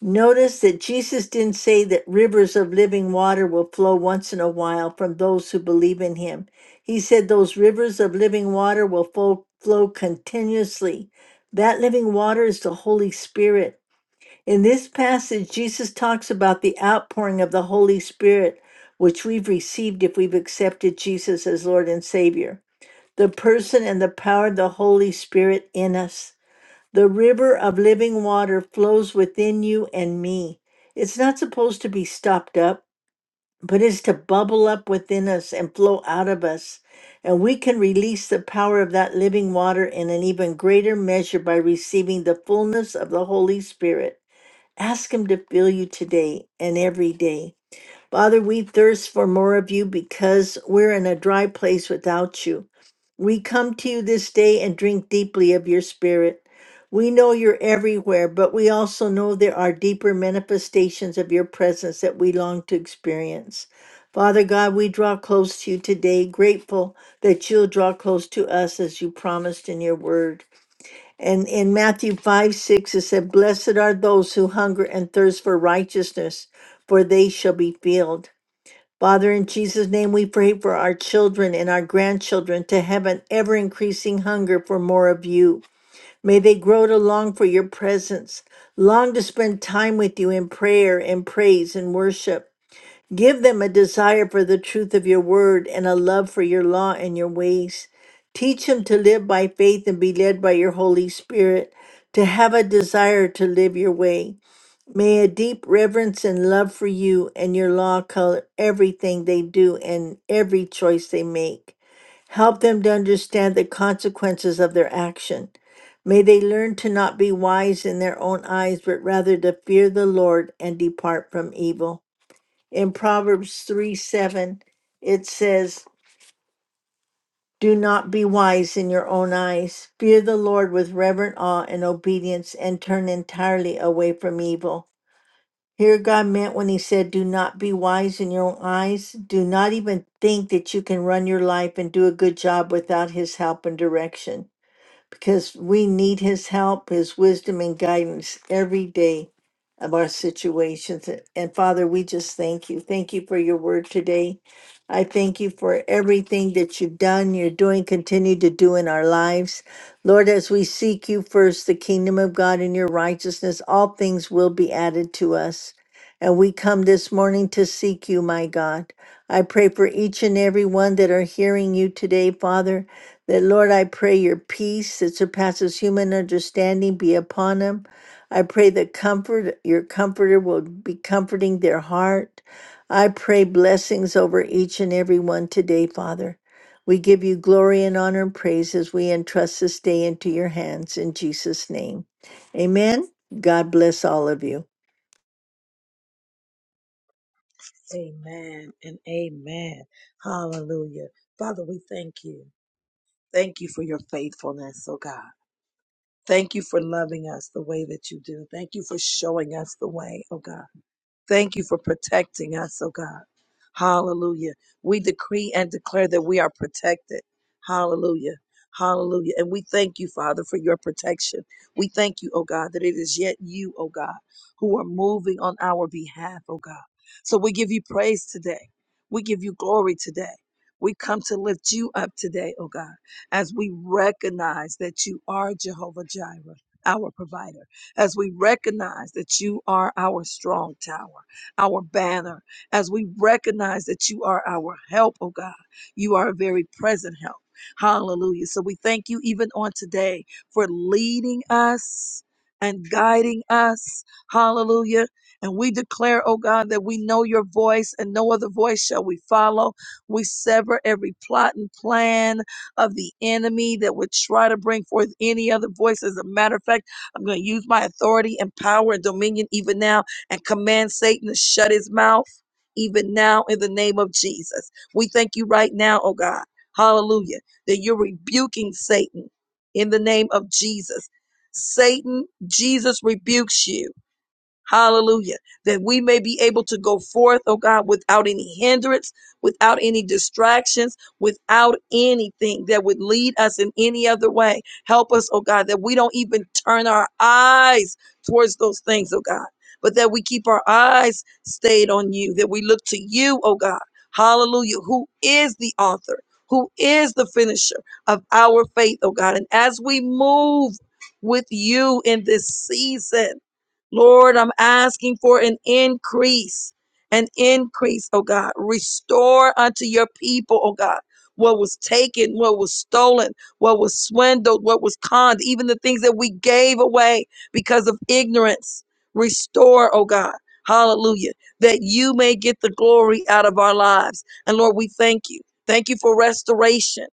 Notice that Jesus didn't say that rivers of living water will flow once in a while from those who believe in him. He said those rivers of living water will flow, flow continuously. That living water is the Holy Spirit. In this passage, Jesus talks about the outpouring of the Holy Spirit, which we've received if we've accepted Jesus as Lord and Savior, the person and the power of the Holy Spirit in us. The river of living water flows within you and me. It's not supposed to be stopped up, but is to bubble up within us and flow out of us. And we can release the power of that living water in an even greater measure by receiving the fullness of the Holy Spirit. Ask Him to fill you today and every day. Father, we thirst for more of you because we're in a dry place without you. We come to you this day and drink deeply of your spirit. We know you're everywhere, but we also know there are deeper manifestations of your presence that we long to experience. Father God, we draw close to you today, grateful that you'll draw close to us as you promised in your word. And in Matthew 5 6, it said, Blessed are those who hunger and thirst for righteousness, for they shall be filled. Father, in Jesus' name, we pray for our children and our grandchildren to have an ever increasing hunger for more of you. May they grow to long for your presence, long to spend time with you in prayer and praise and worship. Give them a desire for the truth of your word and a love for your law and your ways. Teach them to live by faith and be led by your Holy Spirit, to have a desire to live your way. May a deep reverence and love for you and your law color everything they do and every choice they make. Help them to understand the consequences of their action. May they learn to not be wise in their own eyes, but rather to fear the Lord and depart from evil. In Proverbs 3 7, it says, Do not be wise in your own eyes. Fear the Lord with reverent awe and obedience, and turn entirely away from evil. Here, God meant when He said, Do not be wise in your own eyes. Do not even think that you can run your life and do a good job without His help and direction because we need his help, his wisdom, and guidance every day of our situations. And Father, we just thank you. Thank you for your word today. I thank you for everything that you've done, you're doing, continue to do in our lives. Lord, as we seek you first, the kingdom of God and your righteousness, all things will be added to us. And we come this morning to seek you, my God. I pray for each and every one that are hearing you today, Father. That, Lord, I pray your peace that surpasses human understanding be upon him. I pray that comfort, your comforter will be comforting their heart. I pray blessings over each and every one today, Father. We give you glory and honor and praise as we entrust this day into your hands in Jesus' name. Amen. God bless all of you. you. Thank you for your faithfulness, oh God. Thank you for loving us the way that you do. Thank you for showing us the way, oh God. Thank you for protecting us, oh God. Hallelujah. We decree and declare that we are protected. Hallelujah. Hallelujah. And we thank you, Father, for your protection. We thank you, oh God, that it is yet you, oh God, who are moving on our behalf, oh God. So we give you praise today. We give you glory today. We come to lift you up today, oh God, as we recognize that you are Jehovah Jireh, our provider as we recognize that you are our strong tower, our banner, as we recognize that you are our help, oh God. You are a very present help. Hallelujah. So we thank you even on today for leading us and guiding us. Hallelujah. And we declare, oh God, that we know your voice and no other voice shall we follow. We sever every plot and plan of the enemy that would try to bring forth any other voice. As a matter of fact, I'm going to use my authority and power and dominion even now and command Satan to shut his mouth even now in the name of Jesus. We thank you right now, oh God. Hallelujah. That you're rebuking Satan in the name of Jesus. Satan, Jesus rebukes you Hallelujah. That we may be able to go forth, oh God, without any hindrance, without any distractions, without anything that would lead us in any other way. Help us, oh God, that we don't even turn our eyes towards those things, oh God, but that we keep our eyes stayed on you, that we look to you, oh God. Hallelujah. Who is the author? Who is the finisher of our faith, oh God? And as we move with you in this season, Lord, I'm asking for an increase, an increase, oh God. Restore unto your people, oh God, what was taken, what was stolen, what was swindled, what was conned, even the things that we gave away because of ignorance. Restore, oh God. Hallelujah. That you may get the glory out of our lives. And Lord, we thank you. Thank you for restoration.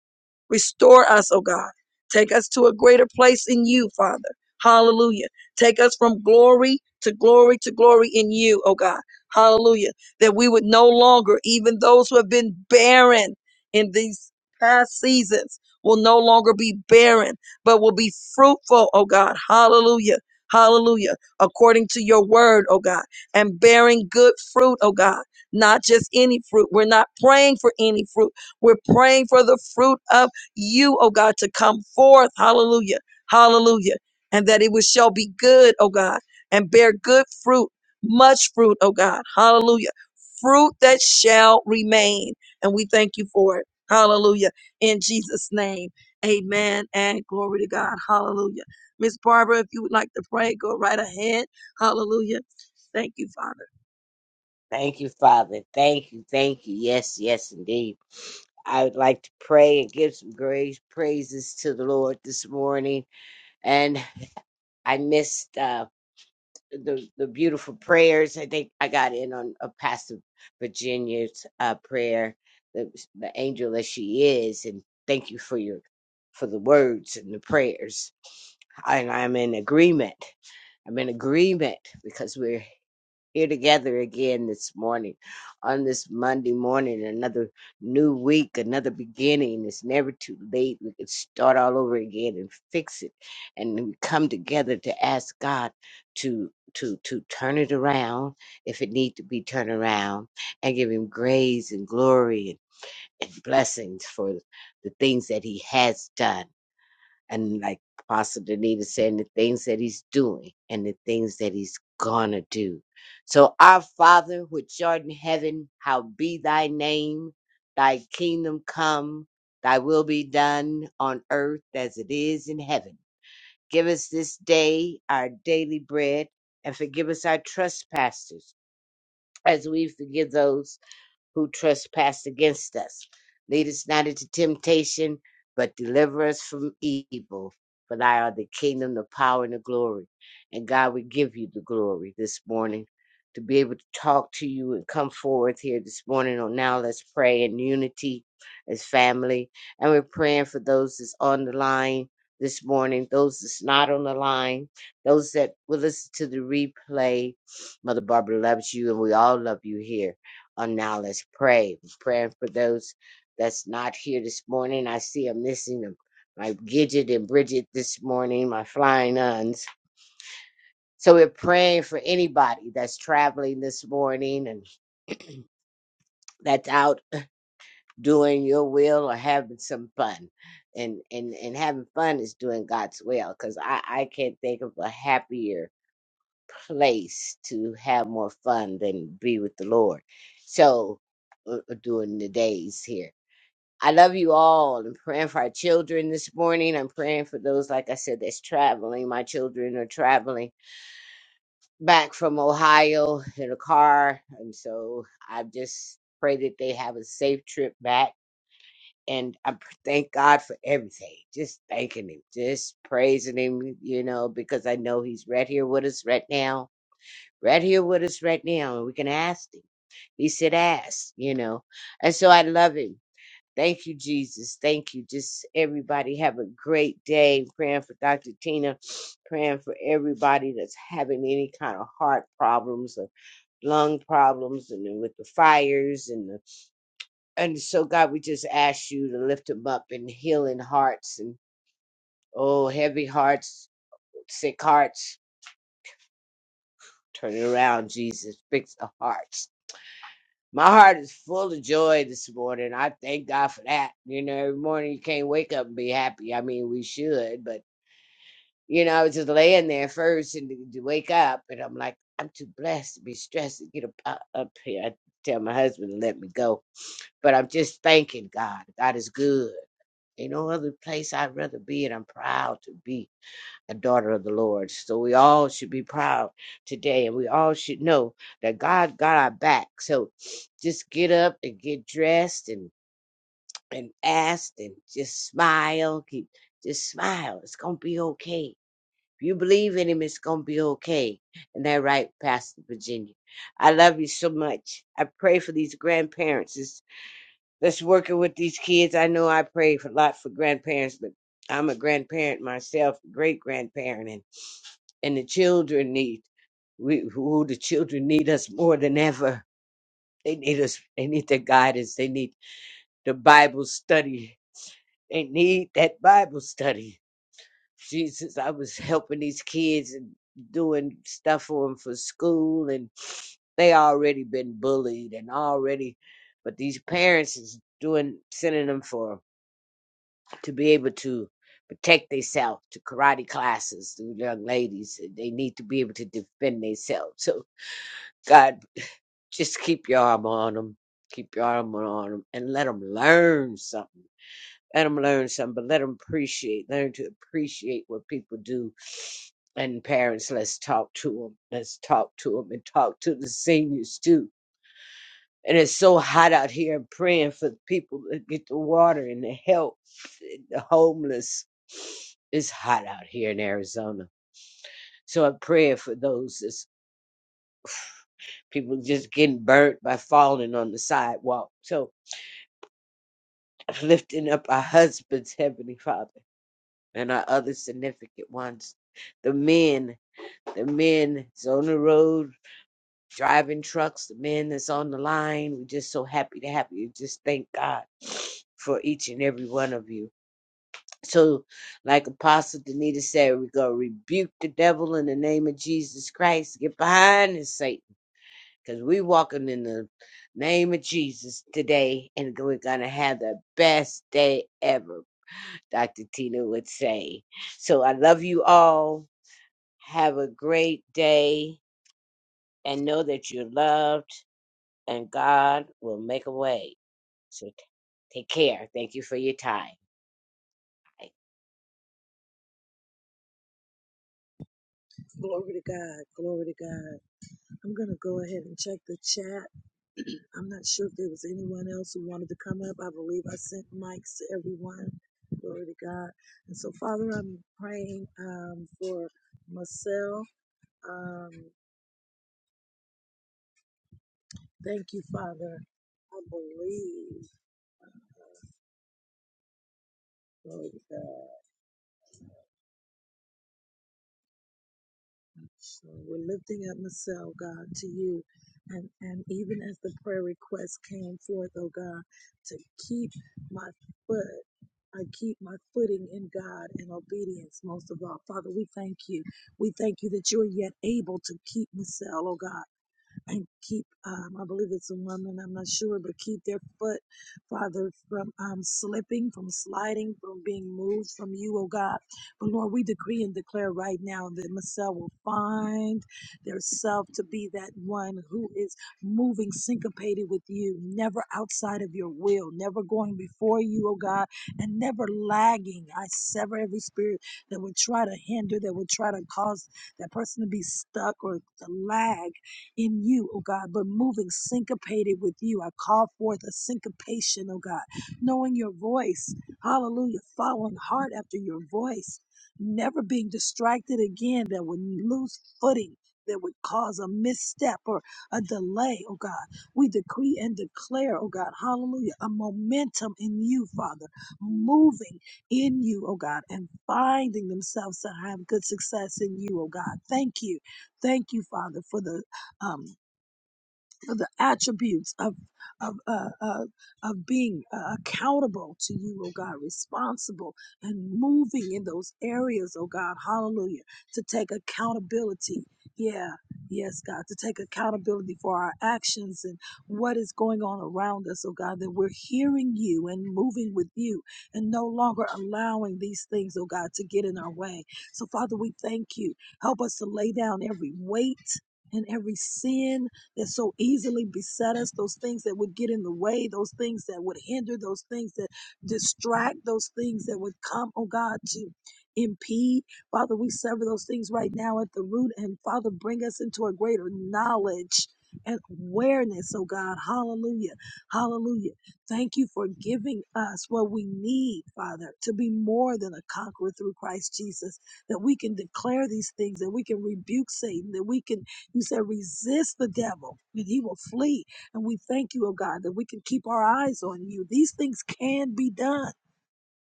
Restore us, oh God. Take us to a greater place in you, Father. Hallelujah. Take us from glory to glory to glory in you, oh God. Hallelujah. That we would no longer, even those who have been barren in these past seasons, will no longer be barren, but will be fruitful, oh God. Hallelujah. Hallelujah. According to your word, oh God, and bearing good fruit, oh God. Not just any fruit. We're not praying for any fruit. We're praying for the fruit of you, oh God, to come forth. Hallelujah. Hallelujah. And that it will shall be good, oh God, and bear good fruit, much fruit, oh God. Hallelujah. Fruit that shall remain. And we thank you for it. Hallelujah. In Jesus' name. Amen. And glory to God. Hallelujah. Miss Barbara, if you would like to pray, go right ahead. Hallelujah. Thank you, Father. Thank you, Father. Thank you, thank you. Yes, yes, indeed. I would like to pray and give some grace praises to the Lord this morning. And I missed uh, the the beautiful prayers. I think I got in on a Pastor Virginia's uh, prayer, the, the angel as she is. And thank you for your for the words and the prayers. And I'm in agreement. I'm in agreement because we're here together again this morning on this Monday morning, another new week, another beginning. It's never too late. We can start all over again and fix it. And we come together to ask God to to to turn it around if it need to be turned around and give him grace and glory and, and blessings for the things that he has done and like Pastor Danita said, and the things that he's doing and the things that he's gonna do. So, our Father, which art in heaven, how be thy name, thy kingdom come, thy will be done on earth as it is in heaven. Give us this day our daily bread and forgive us our trespasses as we forgive those who trespass against us. Lead us not into temptation, but deliver us from evil. For thy are the kingdom, the power, and the glory. And God, we give you the glory this morning to be able to talk to you and come forward here this morning. On now, let's pray in unity as family. And we're praying for those that's on the line this morning, those that's not on the line, those that will listen to the replay. Mother Barbara loves you, and we all love you here. Oh, now let's pray. We're Praying for those that's not here this morning. I see I'm missing them. My Gidget and Bridget this morning, my flying nuns. So we're praying for anybody that's traveling this morning and that's out doing your will or having some fun. And and and having fun is doing God's will because I, I can't think of a happier place to have more fun than be with the Lord. So uh, uh, during the days here. I love you all. I'm praying for our children this morning. I'm praying for those, like I said, that's traveling. My children are traveling back from Ohio in a car. And so I just pray that they have a safe trip back. And I pr- thank God for everything. Just thanking Him, just praising Him, you know, because I know He's right here with us right now. Right here with us right now. And we can ask Him. He said, ask, you know. And so I love Him. Thank you, Jesus. Thank you. Just everybody have a great day. Praying for Dr. Tina, praying for everybody that's having any kind of heart problems or lung problems and then with the fires and the, and so God, we just ask you to lift them up and healing hearts and oh heavy hearts, sick hearts. Turn it around, Jesus. Fix the hearts. My heart is full of joy this morning. I thank God for that. You know, every morning you can't wake up and be happy. I mean, we should, but You know, I was just laying there first and to wake up, and I'm like, I'm too blessed to be stressed to get up, up up here. I tell my husband to let me go, but I'm just thanking God. God is good. Ain't no other place I'd rather be, and I'm proud to be a daughter of the Lord. So we all should be proud today, and we all should know that God got our back. So just get up and get dressed and and ask, and just smile. Keep just smile. It's gonna be okay if you believe in him, it's going to be okay. And that right, Pastor Virginia. I love you so much. I pray for these grandparents. It's, that's working with these kids. I know I pray for, a lot for grandparents, but I'm a grandparent myself, great grandparent, and, and the children need we who the children need us more than ever. They need us. They need the guidance. They need the Bible study. They need that Bible study. Jesus, I was helping these kids and doing stuff for them for school, and they already been bullied and already, but these parents is doing sending them for to be able to protect themselves to karate classes. The young ladies they need to be able to defend themselves. So God, just keep your arm on them, keep your arm on them, and let them learn something let them learn something, but let them appreciate, learn to appreciate what people do. And parents, let's talk to them. Let's talk to them and talk to the seniors too. And it's so hot out here and praying for the people that get the water and the help, and the homeless. It's hot out here in Arizona. So I'm praying for those that's people just getting burnt by falling on the sidewalk. So lifting up our husbands, Heavenly Father, and our other significant ones, the men the men that's on the road driving trucks, the men that's on the line. We're just so happy to have you. Just thank God for each and every one of you. So, like Apostle Danita said, we're going to rebuke the devil in the name of Jesus Christ. Get behind us, Satan, because we are walking in the name of Jesus today, and we're going to have the best day ever, Dr. Tina would say. So, I love you all. Have a great day and know that you're loved and God will make a way. So t- take care. Thank you for your time.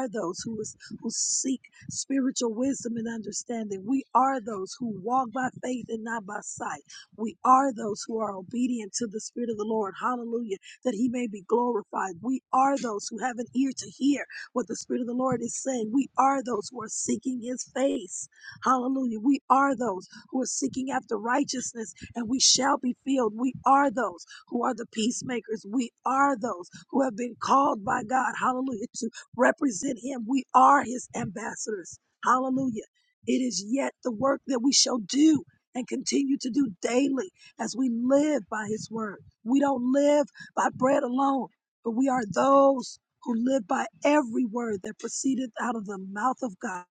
are those who is who seek spiritual wisdom and understanding. We are those who walk by faith and not by sight. We are those who are obedient to the Spirit of the Lord. Hallelujah. he may be glorified. We are those who have an ear to hear what the Spirit of the Lord is saying. We are those who are seeking his face. Hallelujah. We are those who are seeking after righteousness and we shall be filled. We are those who are the peacemakers. We are those who have been called by God, hallelujah, to represent Him. We are His ambassadors, hallelujah. It is yet the work that we shall do and continue to do daily as we live by His word. We don't live by bread alone, but we are those who live by every word that proceedeth out of the mouth of God.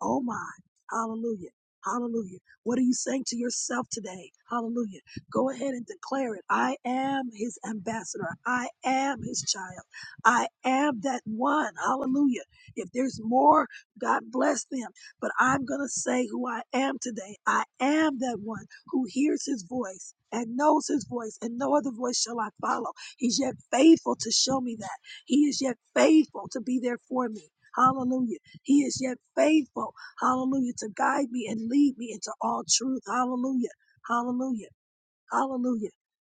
Oh my. Hallelujah. Hallelujah. What are you saying to yourself today? Hallelujah. Go ahead and declare it. I am his ambassador. I am his child. I am that one. Hallelujah. If there's more, God bless them. But I'm going to say who I am today. I am that one who hears his voice and knows his voice, and no other voice shall I follow. He's yet faithful to show me that. He is yet faithful to be there for me. Hallelujah. He is yet faithful. Hallelujah. To guide me and lead me into all truth. Hallelujah. Hallelujah. Hallelujah.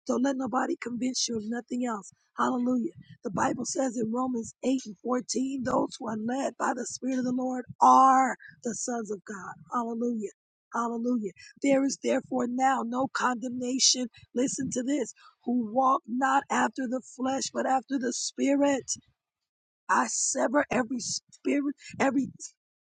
Don't let nobody convince you of nothing else. Hallelujah. The Bible says in Romans 8 and 14, those who are led by the Spirit of the Lord are the sons of God. Hallelujah. Hallelujah. There is therefore now no condemnation. Listen to this who walk not after the flesh, but after the Spirit. I sever every spirit, every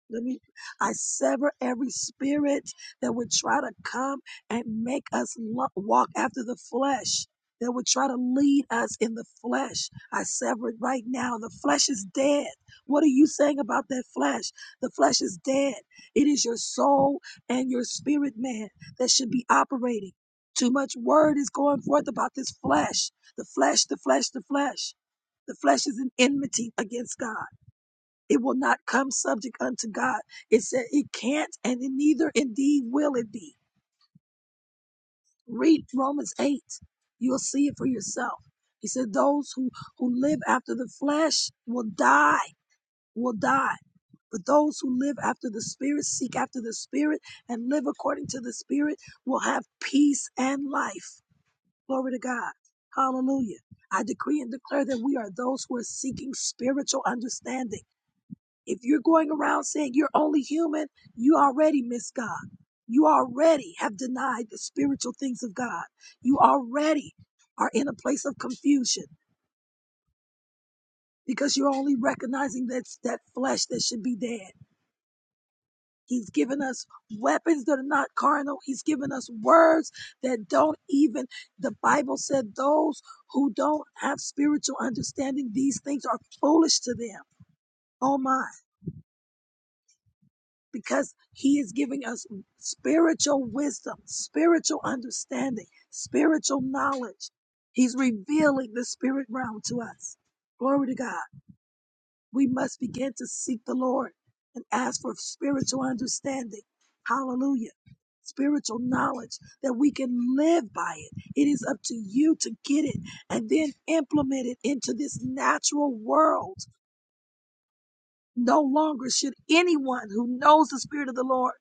let me I sever every spirit that would try to come and make us lo- walk after the flesh, that would try to lead us in the flesh. I sever it right now. The flesh is dead. What are you saying about that flesh? The flesh is dead. It is your soul and your spirit, man, that should be operating. Too much word is going forth about this flesh. The flesh, the flesh, the flesh. The flesh is an enmity against God. It will not come subject unto God. It said it can't and it neither indeed will it be. Read Romans 8. You'll see it for yourself. He said those who, who live after the flesh will die, will die. But those who live after the spirit, seek after the spirit, and live according to the spirit will have peace and life. Glory to God. Hallelujah. I decree and declare that we are those who are seeking who don't have spiritual understanding, these things are foolish to them. Oh my, because he is giving us spiritual wisdom, spiritual understanding, spiritual knowledge. He's revealing the spirit realm to us. Glory to God. we must begin to seek the Lord and ask for spiritual understanding. Hallelujah. Spiritual knowledge that we can live by it. It is up to you to get it and then implement it into this natural world. No longer should anyone who knows the Spirit of the Lord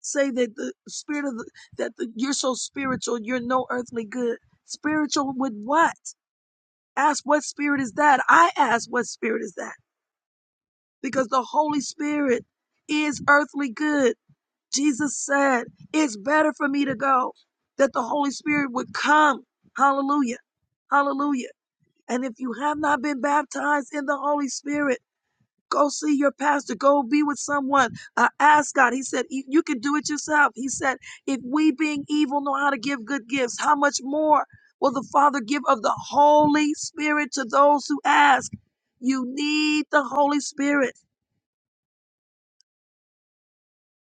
say that the Spirit of the, that the, you're so spiritual, you're no earthly good. Spiritual with what? Ask what spirit is that? I ask what spirit is that? because the Holy Spirit is earthly good. Jesus said, It's better for me to go, that the Holy Spirit would come. Hallelujah. Hallelujah. And if you have not been baptized in the Holy Spirit, go see your pastor, go be with someone. Uh, ask God. He said, You you can do it yourself. He said, If we, being evil, know how to give good gifts, how much more will the Father give of the Holy Spirit to those who ask? You need the Holy Spirit.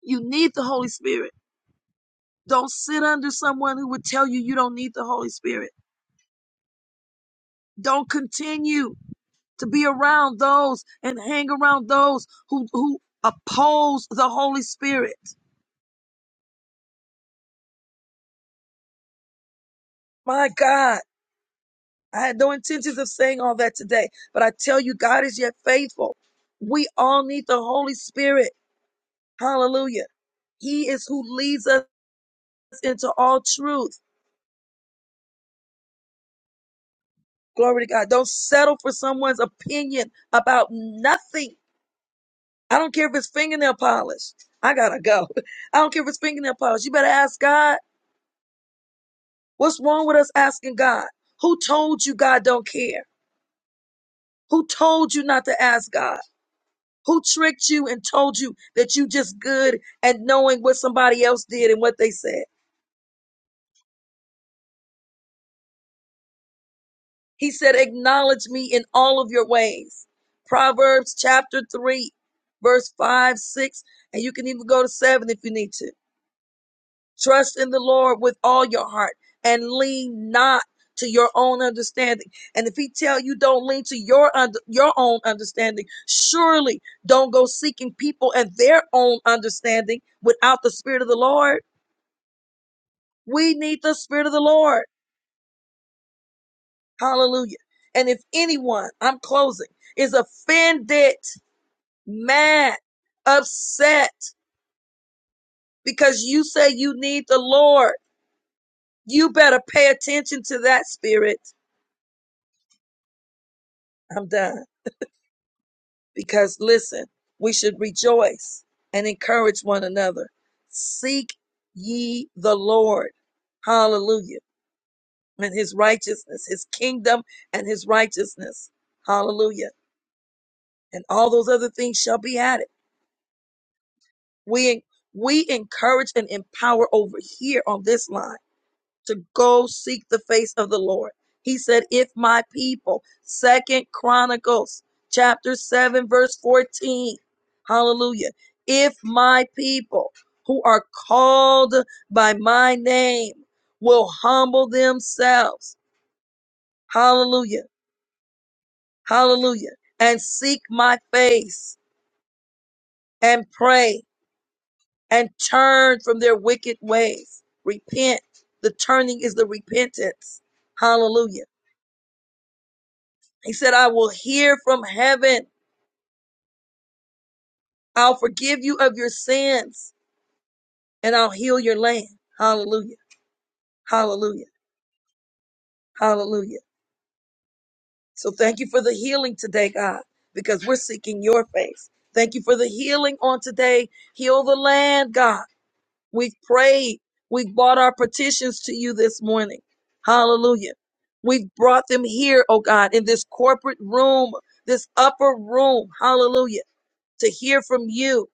You need the Holy Spirit. Don't sit under someone who would tell you you don't need the Holy Spirit. Don't continue to be around those and hang around those who, who oppose the Holy Spirit. My God, I had no intentions of saying all that today, but I tell you, God is yet faithful. We all need the Holy Spirit. Hallelujah. He is who leads us into all truth. Glory to God. Don't settle for someone's opinion about nothing I don't care if it's fingernail polish. I gotta go. I don't care if it's fingernail polish. You better ask God. What's wrong with us asking God? Who told you God don't care? Who told you not to ask God? Who tricked you and told you that you just good at knowing what somebody else did and what they said? He said, acknowledge me in all of your ways. Proverbs chapter three, verse five, six, and you can even go to seven if you need to. Trust in the Lord with all your heart and lean not to your own understanding. And if he tell you don't lean to your under, your own understanding, surely don't go seeking people and their own understanding without the spirit of the Lord. We need the spirit of the Lord. Hallelujah. And if anyone, I'm closing, is offended, mad, upset because you say you need the Lord, you better pay attention to that spirit. I'm done because listen, we should rejoice and encourage one another. Seek ye the Lord. Hallelujah. And his righteousness, his kingdom and his righteousness. Hallelujah. And all those other things shall be added. We, we encourage and empower over here on this line to go seek the face of the Lord. He said, if my people, second Chronicles chapter seven, verse 14. Hallelujah. If my people who are called by my name will humble themselves. Hallelujah. Hallelujah. And seek my face and pray and turn from their wicked ways. Repent. The turning is the repentance. Hallelujah He said, I will hear from heaven. I'll forgive you of your sins and I'll heal your land. Hallelujah. Hallelujah. Hallelujah. So thank you for the healing today, God, because we're seeking your face. Thank you for the healing on today. Heal the land, God. We've prayed. We've brought our petitions to you this morning. Hallelujah. We've brought them here, oh God, in this corporate room, this upper room. Hallelujah. To hear from you.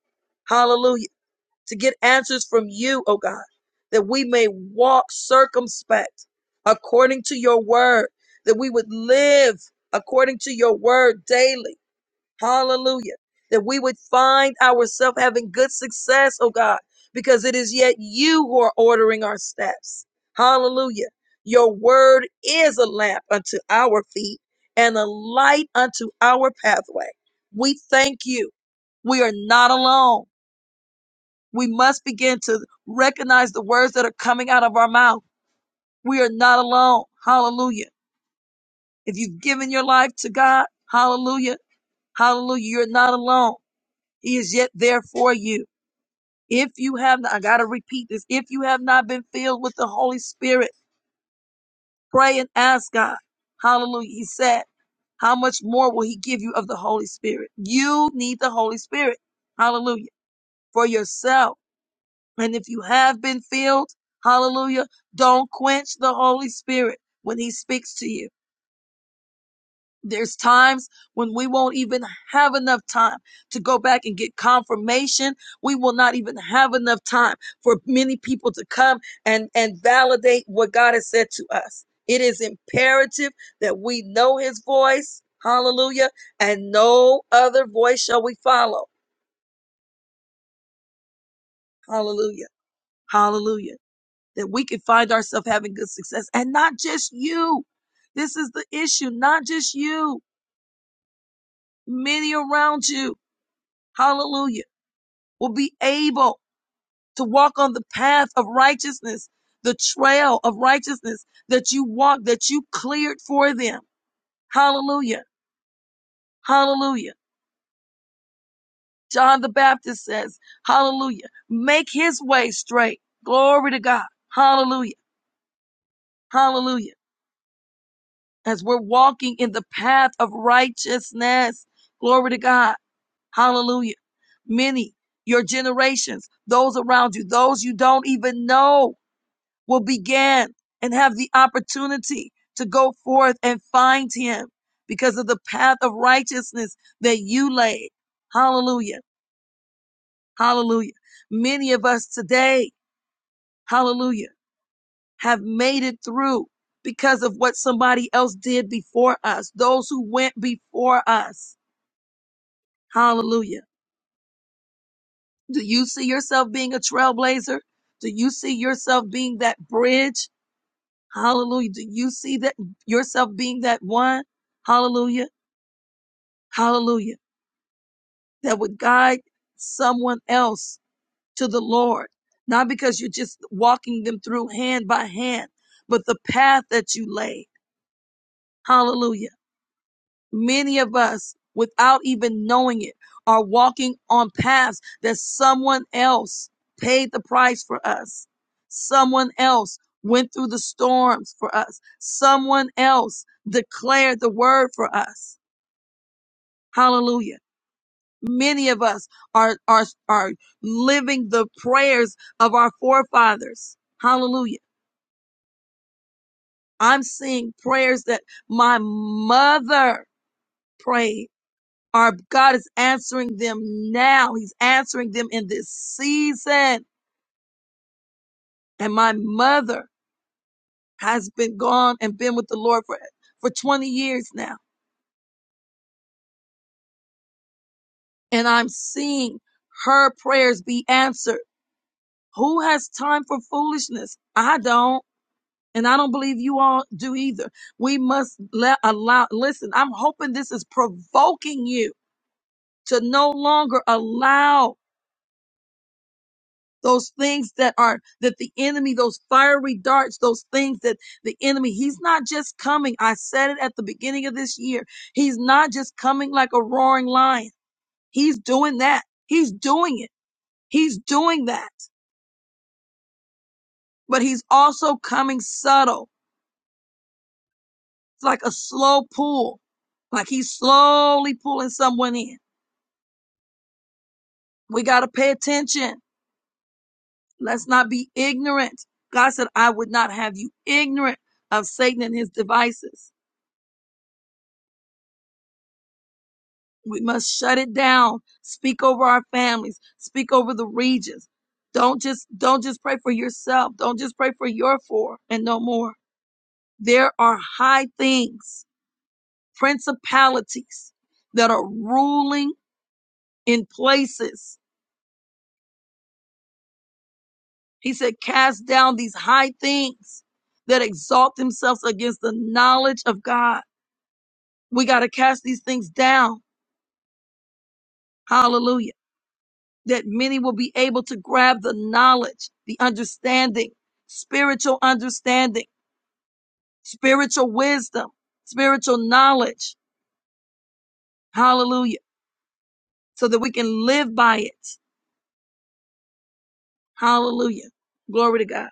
Hallelujah to get answers from you, O God, that we may walk circumspect according to your word, that we would live according to your word daily. Hallelujah. That we would find ourselves having good success, O God, because it is yet you who are ordering our steps. Hallelujah. Your word is a lamp unto our feet and a light unto our pathway. We thank you. We are not alone. We must begin to recognize the words that are coming out of our mouth. We are not alone. Hallelujah. If you've given your life to God, hallelujah, hallelujah, you're not alone. He is yet there for you. If you have not, I got to repeat this. If you have not been filled with the Holy Spirit, pray and ask God. Hallelujah. He said, how much more will he give you of the Holy Spirit? You need the Holy Spirit. Hallelujah. For yourself. And if you have been filled, hallelujah, don't quench the Holy Spirit when he speaks to you. There's times when we won't even have enough time to go back and get confirmation. We will not even have enough time for many people to come and, and validate what God has said to us. It is imperative that we know his voice. Hallelujah. And no other voice shall we follow. Hallelujah. Hallelujah. that we can find ourselves having good success and not just you. This is the issue, not just you, many around you. Hallelujah. Will be able to walk on the path of righteousness, the trail of righteousness that you walked, that you cleared for them. Hallelujah. Hallelujah. John the Baptist says, Hallelujah. Make his way straight. Glory to God. Hallelujah. Hallelujah. as we're walking in the path of righteousness. Glory to God. Hallelujah. Many, your generations, those around you, those you don't even know will begin and have the opportunity to go forth and find him because of the path of righteousness that you laid. Hallelujah. Hallelujah. Many of us today, hallelujah have made it through because of what somebody else did before us, those who went before us. Hallelujah. Do you see yourself being a trailblazer? Do you see yourself being that bridge? Hallelujah. Do you see that yourself being that one? Hallelujah. Hallelujah. That would guide someone else to the Lord. Not because you're just walking them through hand by hand, but the path that you laid. Hallelujah Many of us, without even knowing it, are walking on paths that someone else paid the price for us. Someone else went through the storms for us. Someone else declared the word for us. Hallelujah. Many of us are, are, are living the prayers of our forefathers. Hallelujah. I'm seeing prayers that my mother prayed. Our God is answering them now. He's answering them in this season. And my mother has been gone and been with the Lord for, for 20 years now. And I'm seeing her prayers be answered. Who has time for foolishness? I don't. And I don't believe you all do either. We must let allow, listen, I'm hoping this is provoking you to no longer allow those things that are that the enemy those fiery darts those things that the enemy he's not just coming i said it at the beginning of this year he's not just coming like a roaring lion he's doing that he's doing it he's doing that but he's also coming subtle it's like a slow pull like he's slowly pulling someone in we got to pay attention let's not be ignorant god said i would not have you ignorant of satan and his devices We must shut it down. Speak over our families. Speak over the regions. Don't just don't just pray for yourself. Don't just pray for your four and no more. There are high things, principalities that are ruling in places. He said, cast down these high things that exalt themselves against the knowledge of God. We got to cast these things down. Hallelujah. that many will be able to grab the knowledge, the understanding, spiritual understanding, spiritual wisdom, spiritual knowledge. Hallelujah. So that we can live by it. Hallelujah. Glory to God.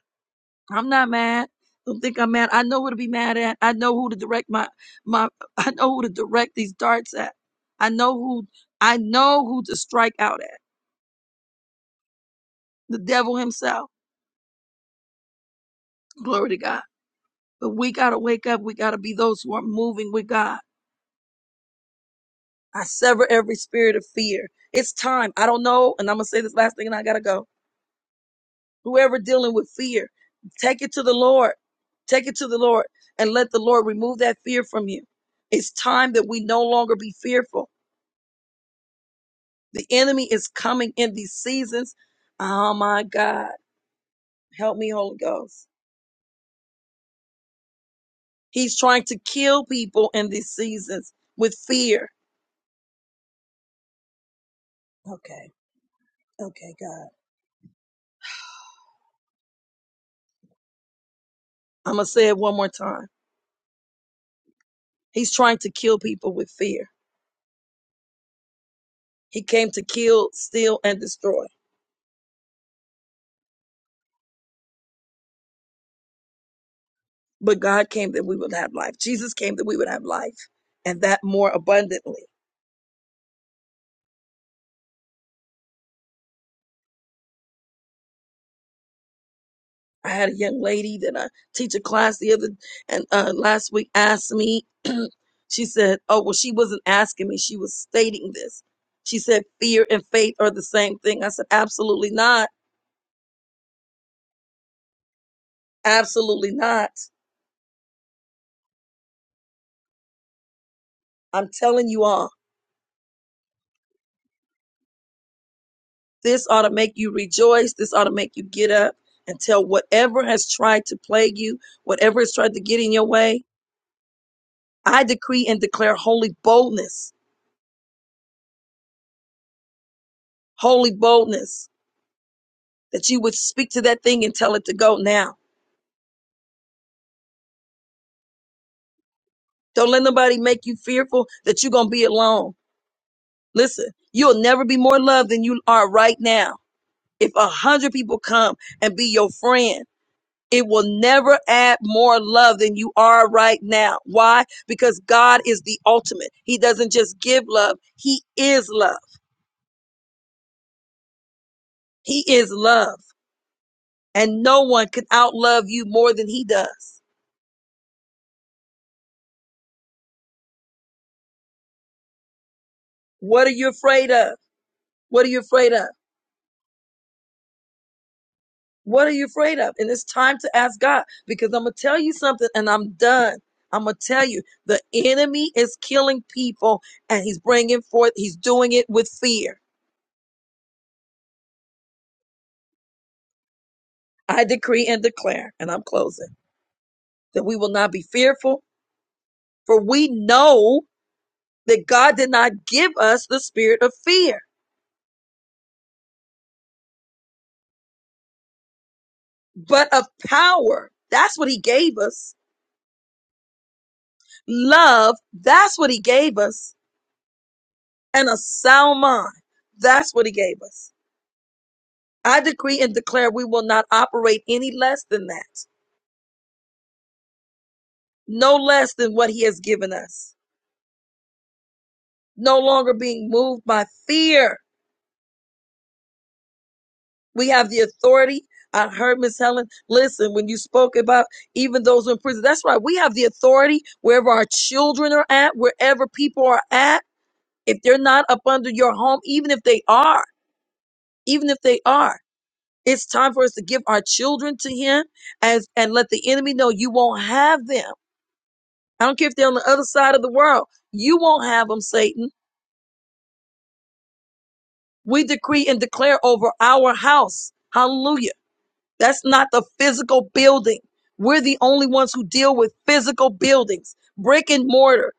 I'm not mad. Don't think I'm mad. I know who to be mad at. I know who to direct my, my, I know who to direct these darts at. I know who, I know who to strike out at. The devil himself. Glory to God. But we got to wake up. We got to be those who are moving with God I sever every spirit of fear. It's time. I don't know. And I'm going to say this last thing and I got to go. Whoever dealing with fear, take it to the Lord. Take it to the Lord and let the Lord remove that fear from you. It's time that we no longer be fearful. The enemy is coming in these seasons. Oh my God. Help me, Holy Ghost. He's trying to kill people in these seasons with fear. I'm going to say it one more time. He's trying to kill people with fear. He came to kill, steal, and destroy. But God came that we would have life. Jesus came that we would have life and that more abundantly. I had a young lady that I teach a class the other and uh, last week asked me, she said, Oh, well, she wasn't asking me, she was stating this. She said, Fear and faith are the same thing. I said, Absolutely not. Absolutely not. I'm telling you all, this ought to make you rejoice. This ought to make you get up and tell whatever has tried to plague you, whatever has tried to get in your way, I decree and declare holy boldness, holy boldness, that you would speak to that thing and tell it to go now. Don't let nobody make you fearful that you're going to be alone. Listen, you'll never be more loved than you are right now. If a hundred people come and be your friend, it will never add more love than you are right now. Why? Because God is the ultimate. He doesn't just give love. He is love. He is love. And no one can outlove you more than he does. What are you afraid of? What are you afraid of? What are you afraid of? And it's time to ask God because I'm going to tell you something and I'm done. I'm going to tell you the enemy is killing people and he's bringing forth, he's doing it with fear. I decree and declare, and I'm closing, that we will not be fearful, for we know that God did not give us the spirit of fear, but of power. That's what he gave us. Love, that's what he gave us and a sound mind. That's what he gave us. I decree and declare we will not operate any less than that, no less than what he has given us, no longer being moved by fear. We have the authority. I heard Miss Helen. Listen, when you spoke about even those in prison, that's right. We have the authority wherever our children are at, wherever people are at. If they're not up under your home, even if they are, even if they are. It's time for us to give our children to him as and let the enemy know you won't have them. I don't care if they're on the other side of the world. You won't have them, Satan. We decree and declare over our house. Hallelujah. That's not the physical building. We're the only ones who deal with physical buildings, brick and mortar.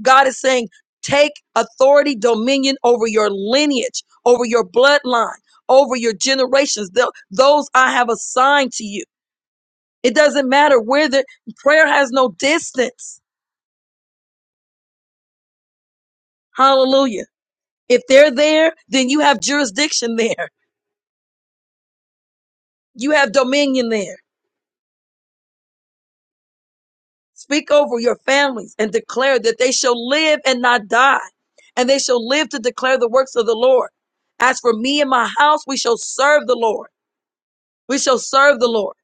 God is saying, take authority, dominion over your lineage, over your bloodline, over your generations, tho- those I have assigned to you. It doesn't matter where the prayer has no distance. Hallelujah. If they're there, then you have jurisdiction there. You have dominion there. Speak over your families and declare that they shall live and not die, and they shall live to declare the works of the Lord. As for me and my house, we shall serve the Lord. We shall serve the Lord.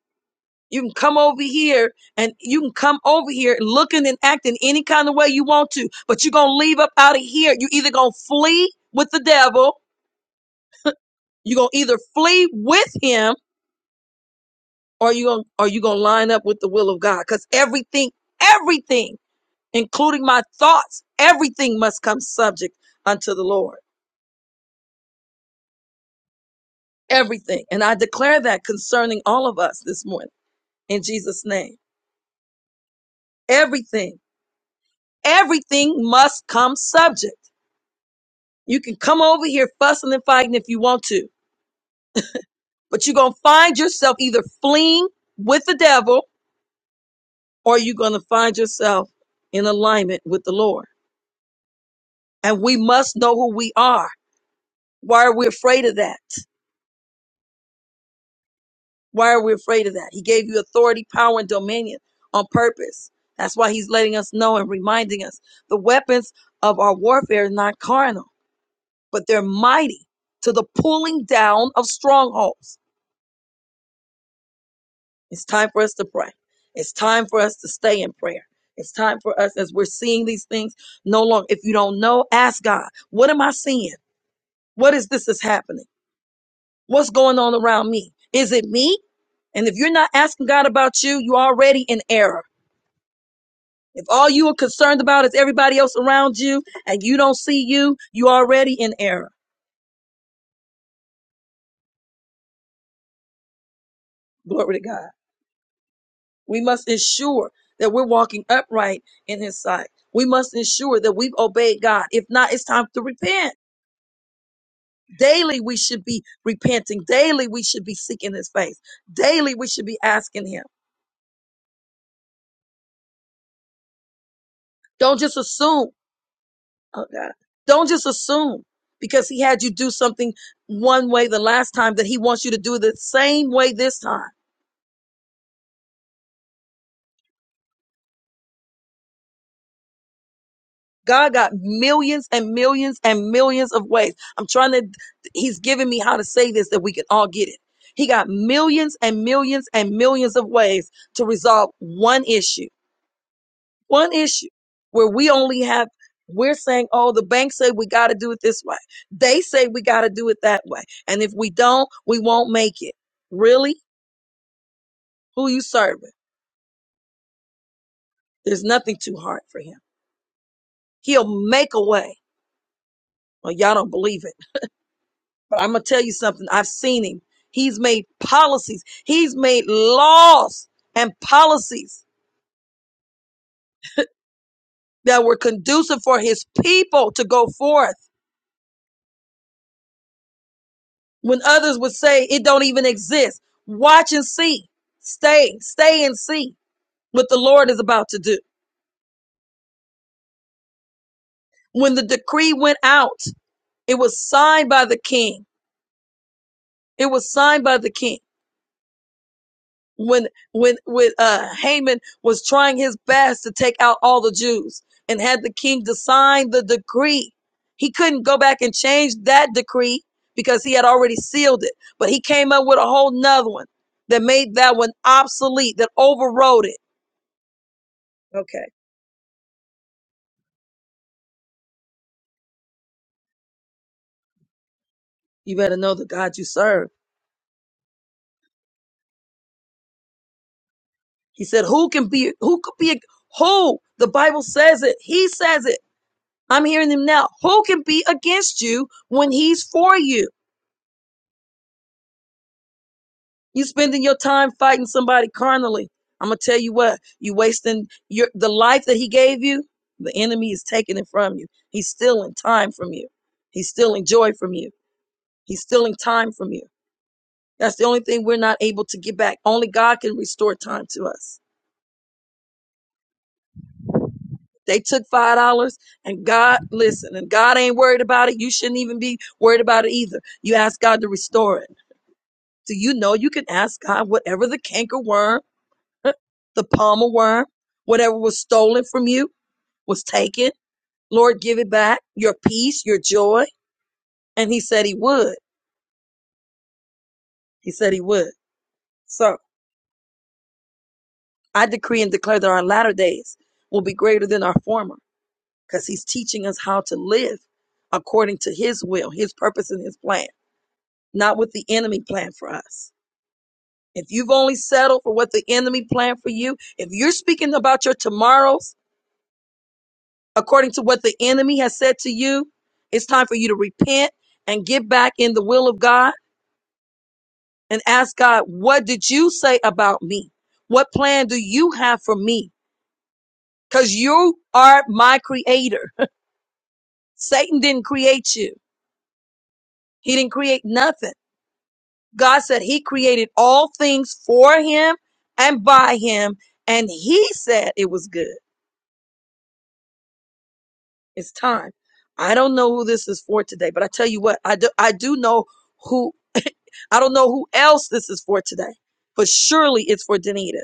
You can come over here and you can come over here and looking and acting any kind of way you want to, but you're going to leave up out of here. you either going to flee with the devil You're gonna either flee with him or you going or you gonna line up with the will of God. Because everything, everything, including my thoughts, everything must come subject unto the Lord. Everything. And I declare that concerning all of us this morning in Jesus' name. Everything, everything must come subject. You can come over here fussing and fighting if you want to, but you're gonna find yourself either fleeing with the devil or you're gonna find yourself in alignment with the Lord. And we must know who we are. Why are we afraid of that? Why are we afraid of that? He gave you authority, power, and dominion on purpose. That's why he's letting us know and reminding us the weapons of our warfare are not carnal, but they're mighty to the pulling down of strongholds. It's time for us to pray. It's time for us to stay in prayer. It's time for us as we're seeing these things no longer. If you don't know, ask God, what am I seeing? What is this is happening? What's going on around me? Is it me? And if you're not asking God about you, you're already in error. If all you are concerned about is everybody else around you and you don't see you, you are already in error. Glory to God. We must ensure that we're walking upright in his sight. We must ensure that we've obeyed God. If not, it's time to repent. Daily we should be repenting. Daily we should be seeking his face. Daily we should be asking him. Don't just assume Oh God. Don't just assume because he had you do something one way the last time that he wants you to do the same way this time. God got millions and millions and millions of ways. I'm trying to, he's giving me how to say this that we can all get it. He got millions and millions and millions of ways to resolve one issue, one issue where we only have, we're saying, oh, the bank said we got to do it this way. They say we got to do it that way. And if we don't, we won't make it. Really? Who you serving? There's nothing too hard for him. He'll make a way. Well, y'all don't believe it, but I'm gonna tell you something. I've seen him. He's made policies. He's made laws and policies that were conducive for his people to go forth when others would say it don't even exist. Watch and see. Stay, stay and see what the Lord is about to do. When the decree went out, it was signed by the king. It was signed by the king. when when when uh Haman was trying his best to take out all the Jews and had the king to sign the decree. He couldn't go back and change that decree because he had already sealed it. But he came up with a whole nother one that made that one obsolete, that overrode it. Okay. You better know the God you serve. He said, Who can be who could be who? The Bible says it. He says it. I'm hearing him now. Who can be against you when he's for you? You spending your time fighting somebody carnally. I'm gonna tell you what, you wasting your the life that he gave you, the enemy is taking it from you. He's stealing time from you. He's stealing joy from you. He's stealing time from you. That's the only thing we're not able to get back. Only God can restore time to us. They took five dollars and God listen, and God ain't worried about it. You shouldn't even be worried about it either. You ask God to restore it. Do you know you can ask God whatever the canker worm. the palmer worm, whatever was stolen from you was taken. Lord, give it back, your peace, your joy. And he said he would. He said he would. So I decree and declare that our latter days will be greater than our former because he's teaching us how to live according to his will, his purpose, and his plan, not what the enemy planned for us. If you've only settled for what the enemy planned for you, if you're speaking about your tomorrows according to what the enemy has said to you. It's time for you to repent and get back in the will of God and ask God, what did you say about me? What plan do you have for me? Because you are my creator. Satan didn't create you, he didn't create nothing. God said he created all things for him and by him, and he said it was good. It's time. I don't know who this is for today, but I tell you what, I do, I do know who. I don't know who else this is for today, but surely it's for Danita.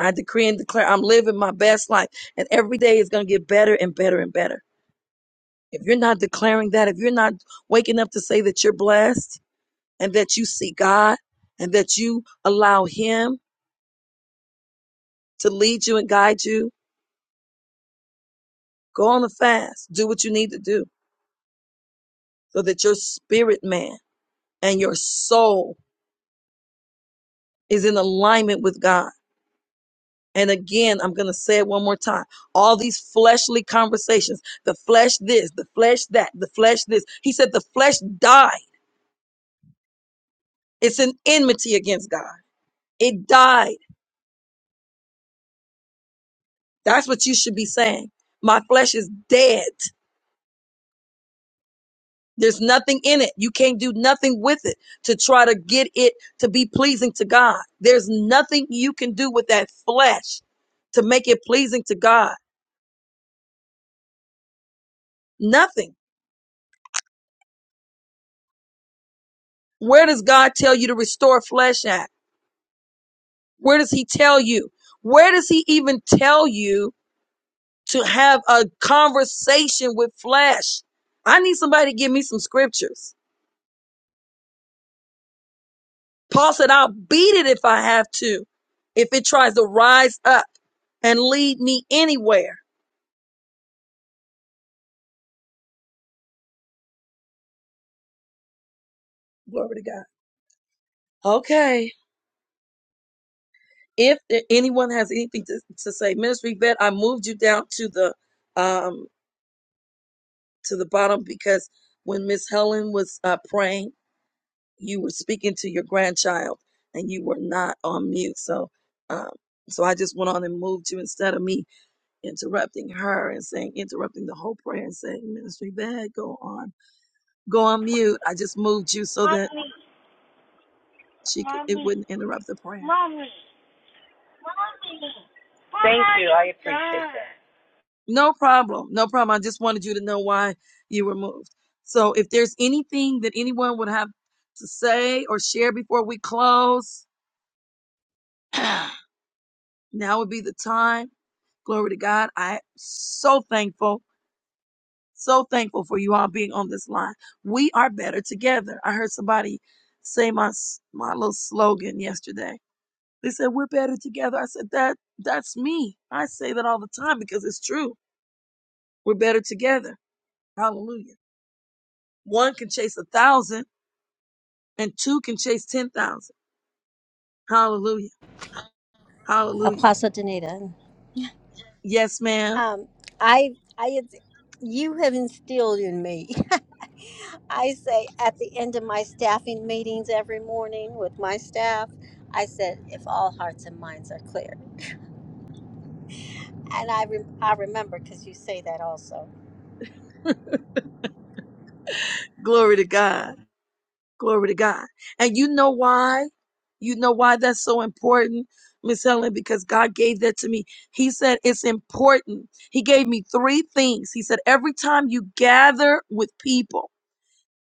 I decree and declare I'm living my best life, and every day is going to get better and better and better. If you're not declaring that, if you're not waking up to say that you're blessed and that you see God and that you allow Him to lead you and guide you, go on a fast. Do what you need to do so that your spirit man and your soul is in alignment with God And again, I'm going to say it one more time. All these fleshly conversations, the flesh this, the flesh that, the flesh this. He said the flesh died. It's an enmity against God. It died. That's what you should be saying. My flesh is dead. There's nothing in it. You can't do nothing with it to try to get it to be pleasing to God. There's nothing you can do with that flesh to make it pleasing to God. Nothing. Where does God tell you to restore flesh at? Where does he tell you? Where does he even tell you to have a conversation with flesh? I need somebody to give me some scriptures. Paul said, I'll beat it if I have to, if it tries to rise up and lead me anywhere. Glory to God. Okay. If anyone has anything to, to say, Ministry Vet, I moved you down to the um to the bottom because when Miss Helen was uh, praying, you were speaking to your grandchild and you were not on mute. So, um, so I just went on and moved you instead of me interrupting her and saying, interrupting the whole prayer and saying, Ministry Bad, go on, go on mute. I just moved you so that she could, it wouldn't interrupt the prayer. No problem. No problem. I just wanted you to know why you were moved. So if there's anything that anyone would have to say or share before we close, now would be the time. Glory to God. I am so thankful So thankful for you all being on this line. We are better together. I heard somebody say my my little slogan yesterday. They said we're better together. I said that that's me. I say that all the time because it's true. We're better together. Hallelujah. One can chase a thousand and two can chase ten thousand. Hallelujah. Hallelujah. Apostle Danita. Yes, ma'am. Um, I, I, you have instilled in me. I say at the end of my staffing meetings every morning with my staff, I said, if all hearts and minds are clear. And I, re- I remember because you say that also. Glory to God. Glory to God. And you know why? You know why that's so important, Miss Helen? Because God gave that to me. He said it's important. He gave me three things. He said, every time you gather with people,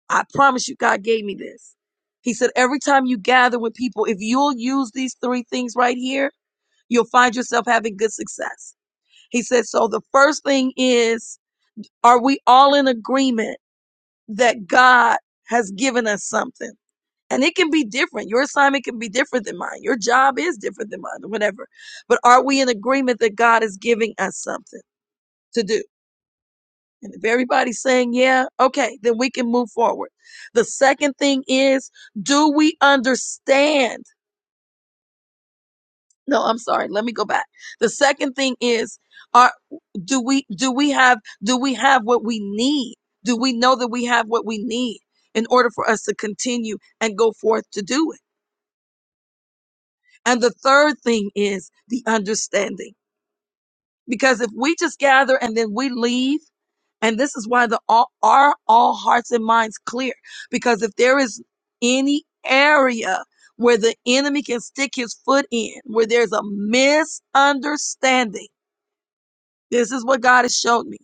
I promise you, God gave me this. He said, every time you gather with people, if you'll use these three things right here, you'll find yourself having good success. He said, so the first thing is, are we all in agreement that God has given us something? And it can be different. Your assignment can be different than mine. Your job is different than mine, or whatever. But are we in agreement that God is giving us something to do? And if everybody's saying, yeah, okay, then we can move forward. The second thing is, do we understand? No, I'm sorry. Let me go back. The second thing is, are, do we, do we have, do we have what we need? Do we know that we have what we need in order for us to continue and go forth to do it? And the third thing is the understanding. Because if we just gather and then we leave, and this is why the all, are all hearts and minds clear. Because if there is any area where the enemy can stick his foot in, where there's a misunderstanding, this is what God has showed me.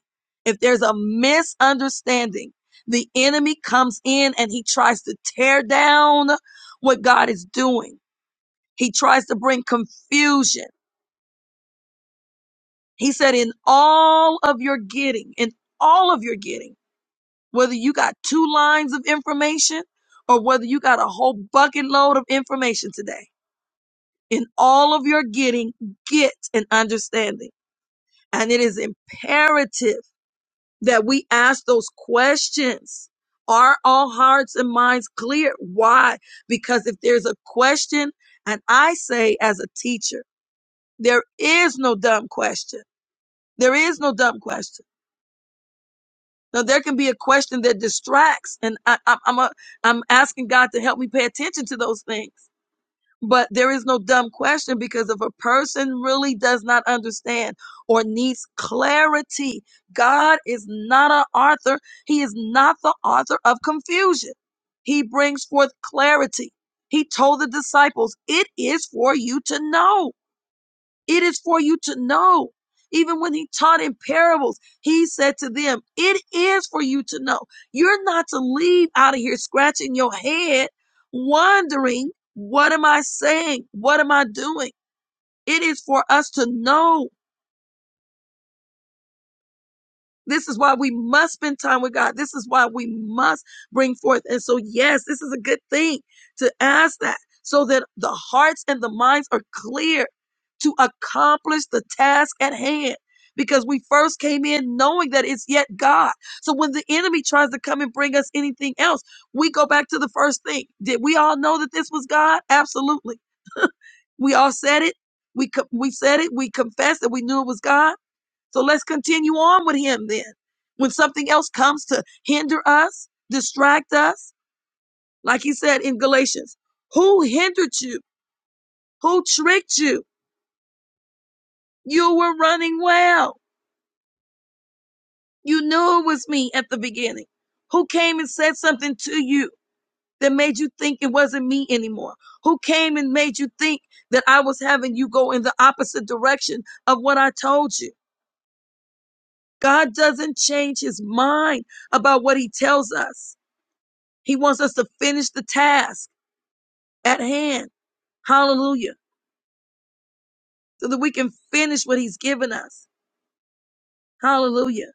If there's a misunderstanding, the enemy comes in and he tries to tear down what God is doing. He tries to bring confusion. He said, in all of your getting, in all of your getting, whether you got two lines of information or whether you got a whole bucket load of information today, in all of your getting, get an understanding. And it is imperative that we ask those questions. Are all hearts and minds clear? Why? Because if there's a question, and I say as a teacher, there is no dumb question. There is no dumb question. Now there can be a question that distracts, and I, I, I'm a, I'm asking God to help me pay attention to those things. But there is no dumb question because if a person really does not understand or needs clarity, God is not an author. He is not the author of confusion. He brings forth clarity. He told the disciples, "It is for you to know." It is for you to know. Even when he taught in parables, he said to them, It is for you to know. You're not to leave out of here scratching your head, wondering, What am I saying? What am I doing? It is for us to know This is why we must spend time with God. This is why we must bring forth. And so, yes, this is a good thing to ask that so that the hearts and the minds are clear to accomplish the task at hand. Because we first came in knowing that it's yet God. So when the enemy tries to come and bring us anything else, we go back to the first thing. Did we all know that this was God? Absolutely. We all said it. We co- we said it. We confessed that we knew it was God. So let's continue on with him then. When something else comes to hinder us, distract us, like he said in Galatians, who hindered you? Who tricked you? You were running well. You knew it was me at the beginning. Who came and said something to you that made you think it wasn't me anymore? Who came and made you think that I was having you go in the opposite direction of what I told you? God doesn't change his mind about what he tells us. He wants us to finish the task at hand. Hallelujah. So that we can finish what he's given us. Hallelujah.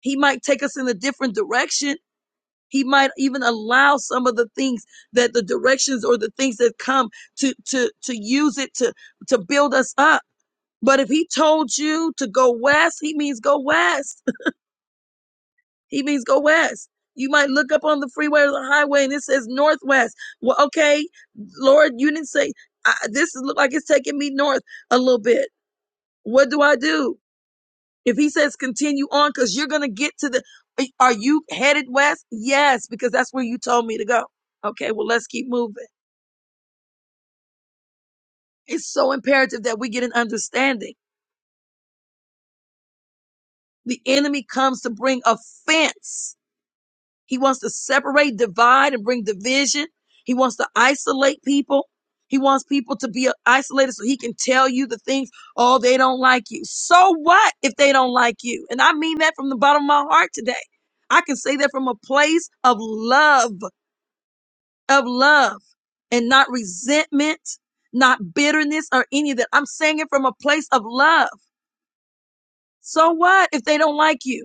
He might take us in a different direction. He might even allow some of the things that the directions or the things that come to, to, to use it to, to build us up. But if he told you to go west, he means go west. He means go west. You might look up on the freeway or the highway and it says northwest. Well, okay, Lord, you didn't say I, this is look like it's taking me north a little bit. What do I do? If he says continue on, because you're gonna get to the are you headed west? Yes, because that's where you told me to go. Okay, well, let's keep moving. It's so imperative that we get an understanding. The enemy comes to bring offense He wants to separate, divide, and bring division. He wants to isolate people. He wants people to be isolated so he can tell you the things, oh, they don't like you. So what if they don't like you? And I mean that from the bottom of my heart today. I can say that from a place of love, of love, and not resentment, not bitterness or any of that. I'm saying it from a place of love. So what if they don't like you?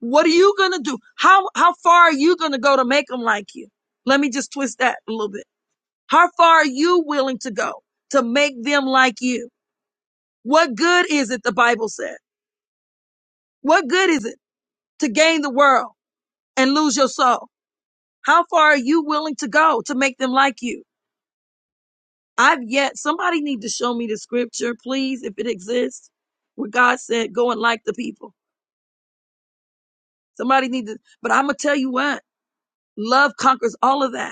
What are you gonna do? How how far are you gonna go to make them like you? Let me just twist that a little bit. How far are you willing to go to make them like you? What good is it? The Bible said. What good is it to gain the world and lose your soul? How far are you willing to go to make them like you? I've yet somebody need to show me the scripture, please, if it exists, where God said, "Go and like the people." Somebody need to, but I'm gonna tell you what: love conquers all of that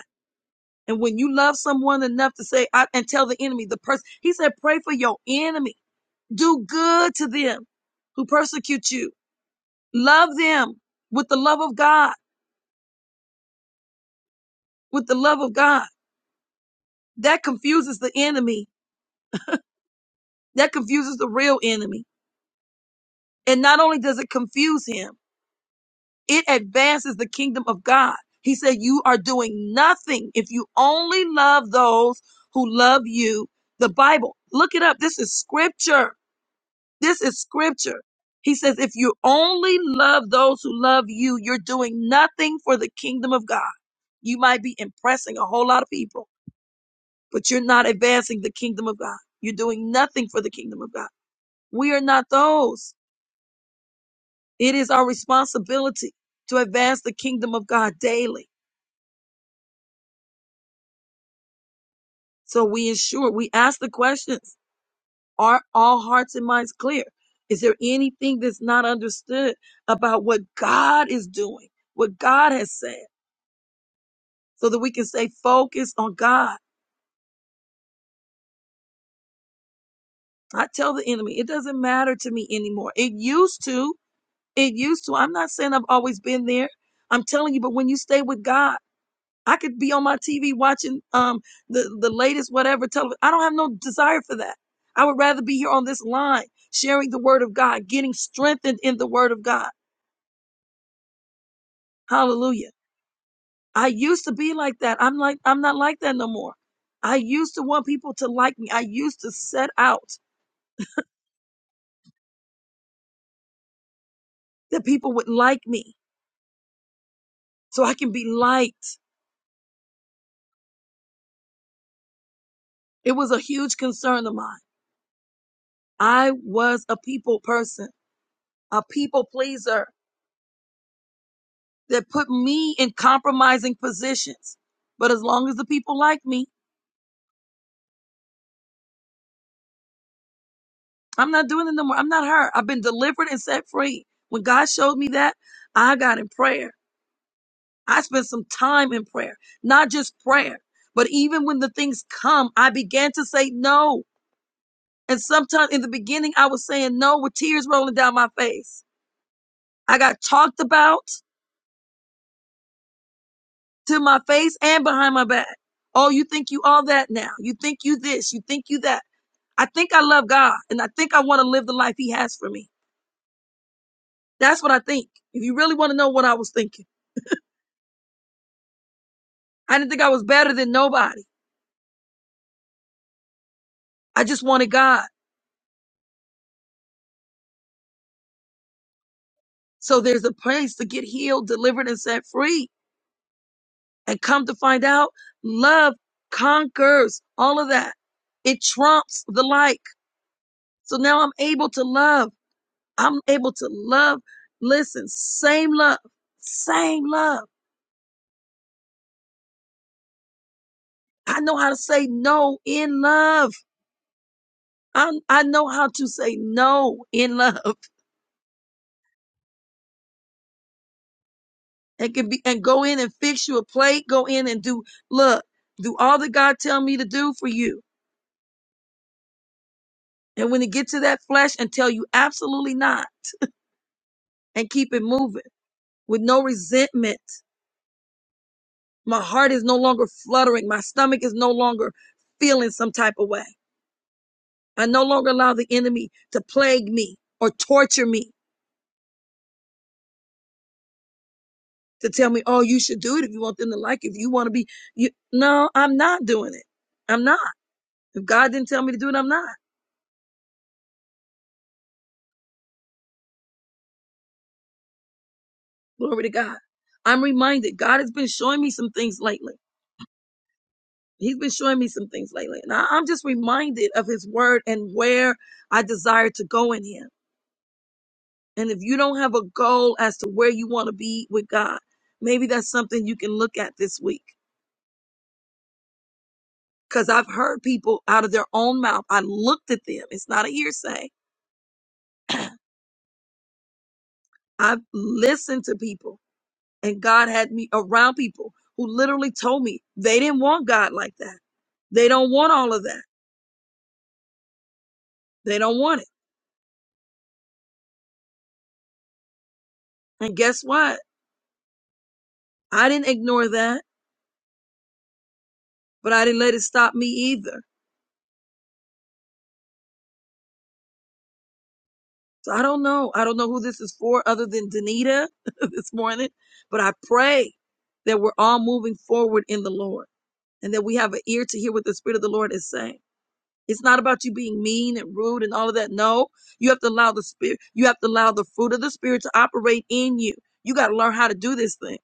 And when you love someone enough to say, I, and tell the enemy, the person, he said, pray for your enemy. Do good to them who persecute you. Love them with the love of God, with the love of God. That confuses the enemy. That confuses the real enemy. And not only does it confuse him, it advances the kingdom of God. He said, you are doing nothing if you only love those who love you. The Bible, look it up. This is scripture. This is scripture. He says, if you only love those who love you, you're doing nothing for the kingdom of God. You might be impressing a whole lot of people, but you're not advancing the kingdom of God. You're doing nothing for the kingdom of God. We are not those. It is our responsibility to advance the kingdom of God daily. So we ensure, we ask the questions. Are all hearts and minds clear? Is there anything that's not understood about what God is doing, what God has said? so that we can stay focused on God. I tell the enemy, it doesn't matter to me anymore. It used to. It used to. I'm not saying I've always been there. I'm telling you, but when you stay with God, I could be on my TV watching um the, the latest whatever television. I don't have no desire for that. I would rather be here on this line, sharing the word of God, getting strengthened in the word of God. Hallelujah. I used to be like that. I'm like, I'm not like that no more. I used to want people to like me. I used to set out that people would like me. so I can be liked. It was a huge concern of mine. I was a people person, a people pleaser that put me in compromising positions. But as long as the people like me, I'm not doing it no more. I'm not hurt. I've been delivered and set free. When God showed me that, I got in prayer. I spent some time in prayer, not just prayer, but even when the things come, I began to say no. And sometimes in the beginning, I was saying no with tears rolling down my face. I got talked about. to my face and behind my back. Oh, you think you all that now. You think you this, you think you that. I think I love God and I think I want to live the life he has for me. That's what I think. If you really want to know what I was thinking, I didn't think I was better than nobody. I just wanted God. So there's a place to get healed, delivered and set free and come to find out love conquers all of that. It trumps the like. So now I'm able to love. I'm able to love. Listen, same love, same love. I know how to say no in love. I, I know how to say no in love and can be and go in and fix you a plate. Go in and do look, do all that God tell me to do for you. And when it get to that flesh and tell you absolutely not and keep it moving with no resentment. My heart is no longer fluttering. My stomach is no longer feeling some type of way. I no longer allow the enemy to plague me or torture me to tell me, oh, you should do it if you want them to like you, if you want to be you. No, I'm not doing it. I'm not. If God didn't tell me to do it, I'm not. Glory to God. I'm reminded. God has been showing me some things lately. He's been showing me some things lately. And I, I'm just reminded of his word and where I desire to go in him. And if you don't have a goal as to where you want to be with God, maybe that's something you can look at this week because I've heard people out of their own mouth. I looked at them. It's not a hearsay. I've listened to people, and God had me around people who literally told me they didn't want God like that. They don't want all of that. They don't want it. And guess what? I didn't ignore that, but I didn't let it stop me either. So I don't know. I don't know who this is for other than Danita this morning, but I pray that we're all moving forward in the Lord and that we have an ear to hear what the Spirit of the Lord is saying. It's not about you being mean and rude and all of that. No, you have to allow the spirit, you have to allow the fruit of the spirit to operate in you. You got to learn how to do this thing.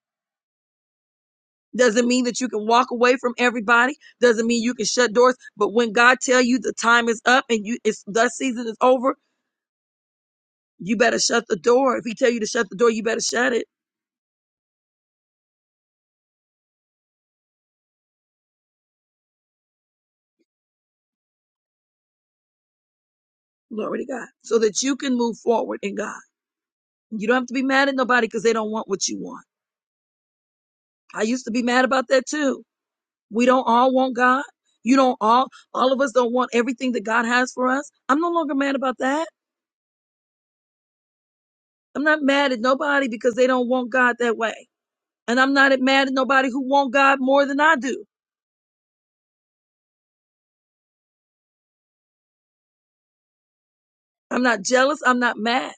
Doesn't mean that you can walk away from everybody. Doesn't mean you can shut doors. But when God tell you the time is up and you it's the season is over, you better shut the door. If He tell you to shut the door, you better shut it. Glory to God, so that you can move forward in God. You don't have to be mad at nobody because they don't want what you want. I used to be mad about that too. We don't all want God. You don't all, all of us don't want everything that God has for us. I'm no longer mad about that. I'm not mad at nobody because they don't want God that way. And I'm not mad at nobody who want God more than I do. I'm not jealous. I'm not mad.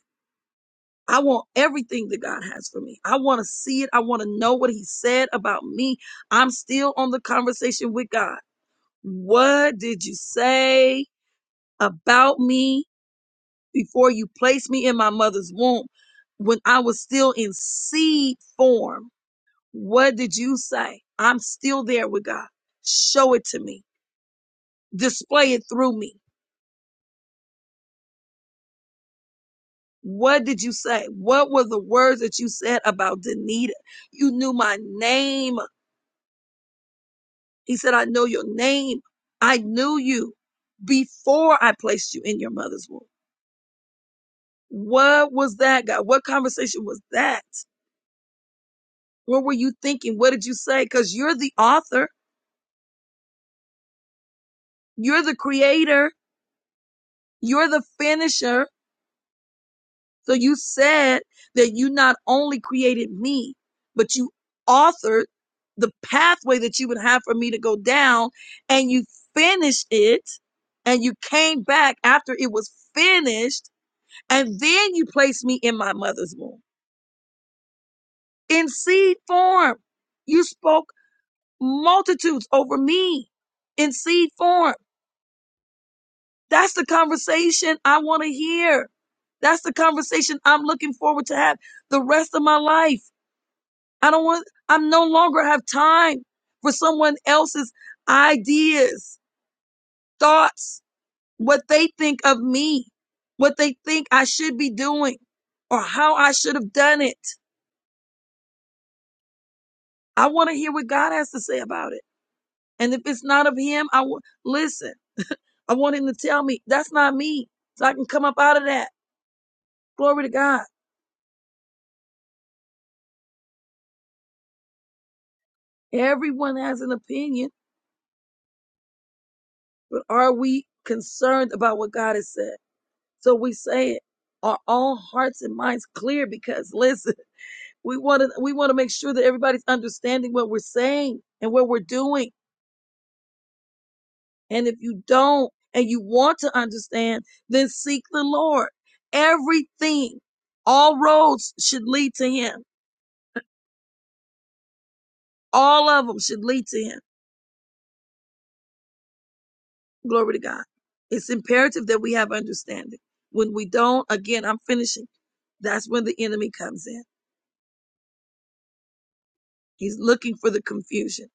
I want everything that God has for me. I want to see it. I want to know what he said about me. I'm still on the conversation with God. What did you say about me? before you placed me in my mother's womb, when I was still in seed form, what did you say? I'm still there with God. Show it to me. Display it through me. What did you say? What were the words that you said about Danita? You knew my name. He said, I know your name. I knew you before I placed you in your mother's womb. What was that, God? What conversation was that? What were you thinking? What did you say? Because you're the author. You're the creator. You're the finisher. So you said that you not only created me, but you authored the pathway that you would have for me to go down and you finished it and you came back after it was finished and then you placed me in my mother's womb in seed form. You spoke multitudes over me in seed form. That's the conversation I want to hear. That's the conversation I'm looking forward to have the rest of my life. I don't want, I'm no longer have time for someone else's ideas, thoughts, what they think of me, what they think I should be doing or how I should have done it. I want to hear what God has to say about it. And if it's not of him, I will listen. I want him to tell me that's not me. So I can come up out of that. Glory to God. Everyone has an opinion, but are we concerned about what God has said? So we say it. Are all hearts and minds clear? Because listen, we want to we want to make sure that everybody's understanding what we're saying and what we're doing. And if you don't and you want to understand, then seek the Lord. Everything, all roads should lead to Him. All of them should lead to Him. Glory to God. It's imperative that we have understanding. When we don't, again, I'm finishing. That's when the enemy comes in. He's looking for the confusion.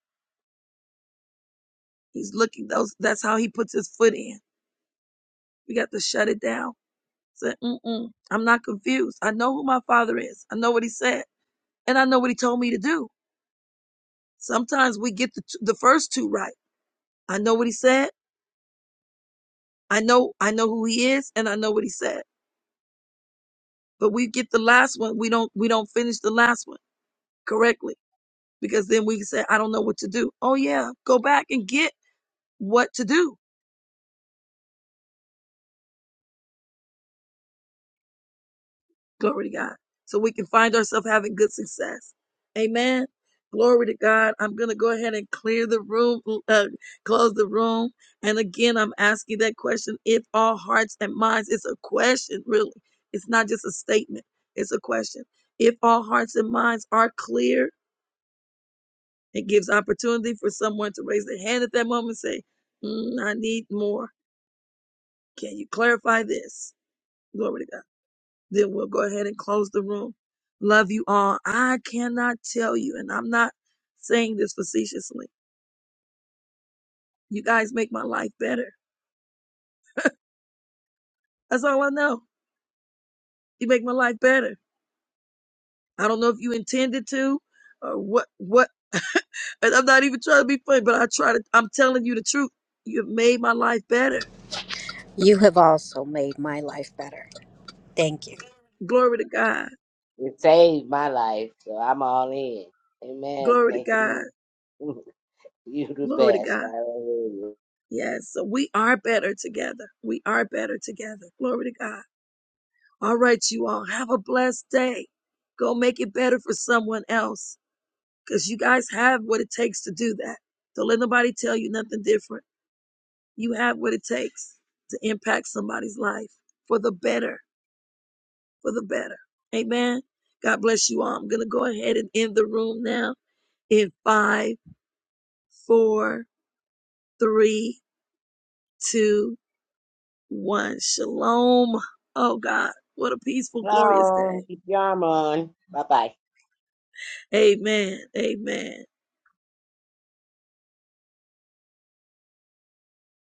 He's looking those. That's how he puts his foot in. We got to shut it down. Say, Mm-mm, I'm not confused. I know who my father is. I know what he said, and I know what he told me to do. Sometimes we get the the first two right. I know what he said. I know I know who he is, and I know what he said. But we get the last one. We don't we don't finish the last one correctly because then we say I don't know what to do. Oh yeah, go back and get what to do Glory to God. So we can find ourselves having good success. Amen. Glory to God. I'm going to go ahead and clear the room, uh, close the room. And again, I'm asking that question if all hearts and minds, it's a question, really. It's not just a statement, it's a question. If all hearts and minds are clear, it gives opportunity for someone to raise their hand at that moment and say, "Mm, I need more. Can you clarify this? Glory to God. then we'll go ahead and close the room. Love you all. I cannot tell you, and I'm not saying this facetiously. You guys make my life better. That's all I know. You make my life better. I don't know if you intended to or what what and I'm not even trying to be funny, but I try to I'm telling you the truth. You've made my life better. You have also made my life better. Thank you. Glory to God. You saved my life, so I'm all in. Amen. Glory to God. Thanking you. you the Glory to best. God. Hallelujah. Yes. So we are better together. We are better together. Glory to God. All right, you all have a blessed day. Go make it better for someone else because you guys have what it takes to do that. Don't let nobody tell you nothing different. You have what it takes to impact somebody's life for the better, for the better. Amen. God bless you all. I'm going to go ahead and end the room now in five, four, three, two, one. Shalom. Oh God, what a peaceful, glorious Long. day. Keep your arm on. Bye bye. Amen. Amen.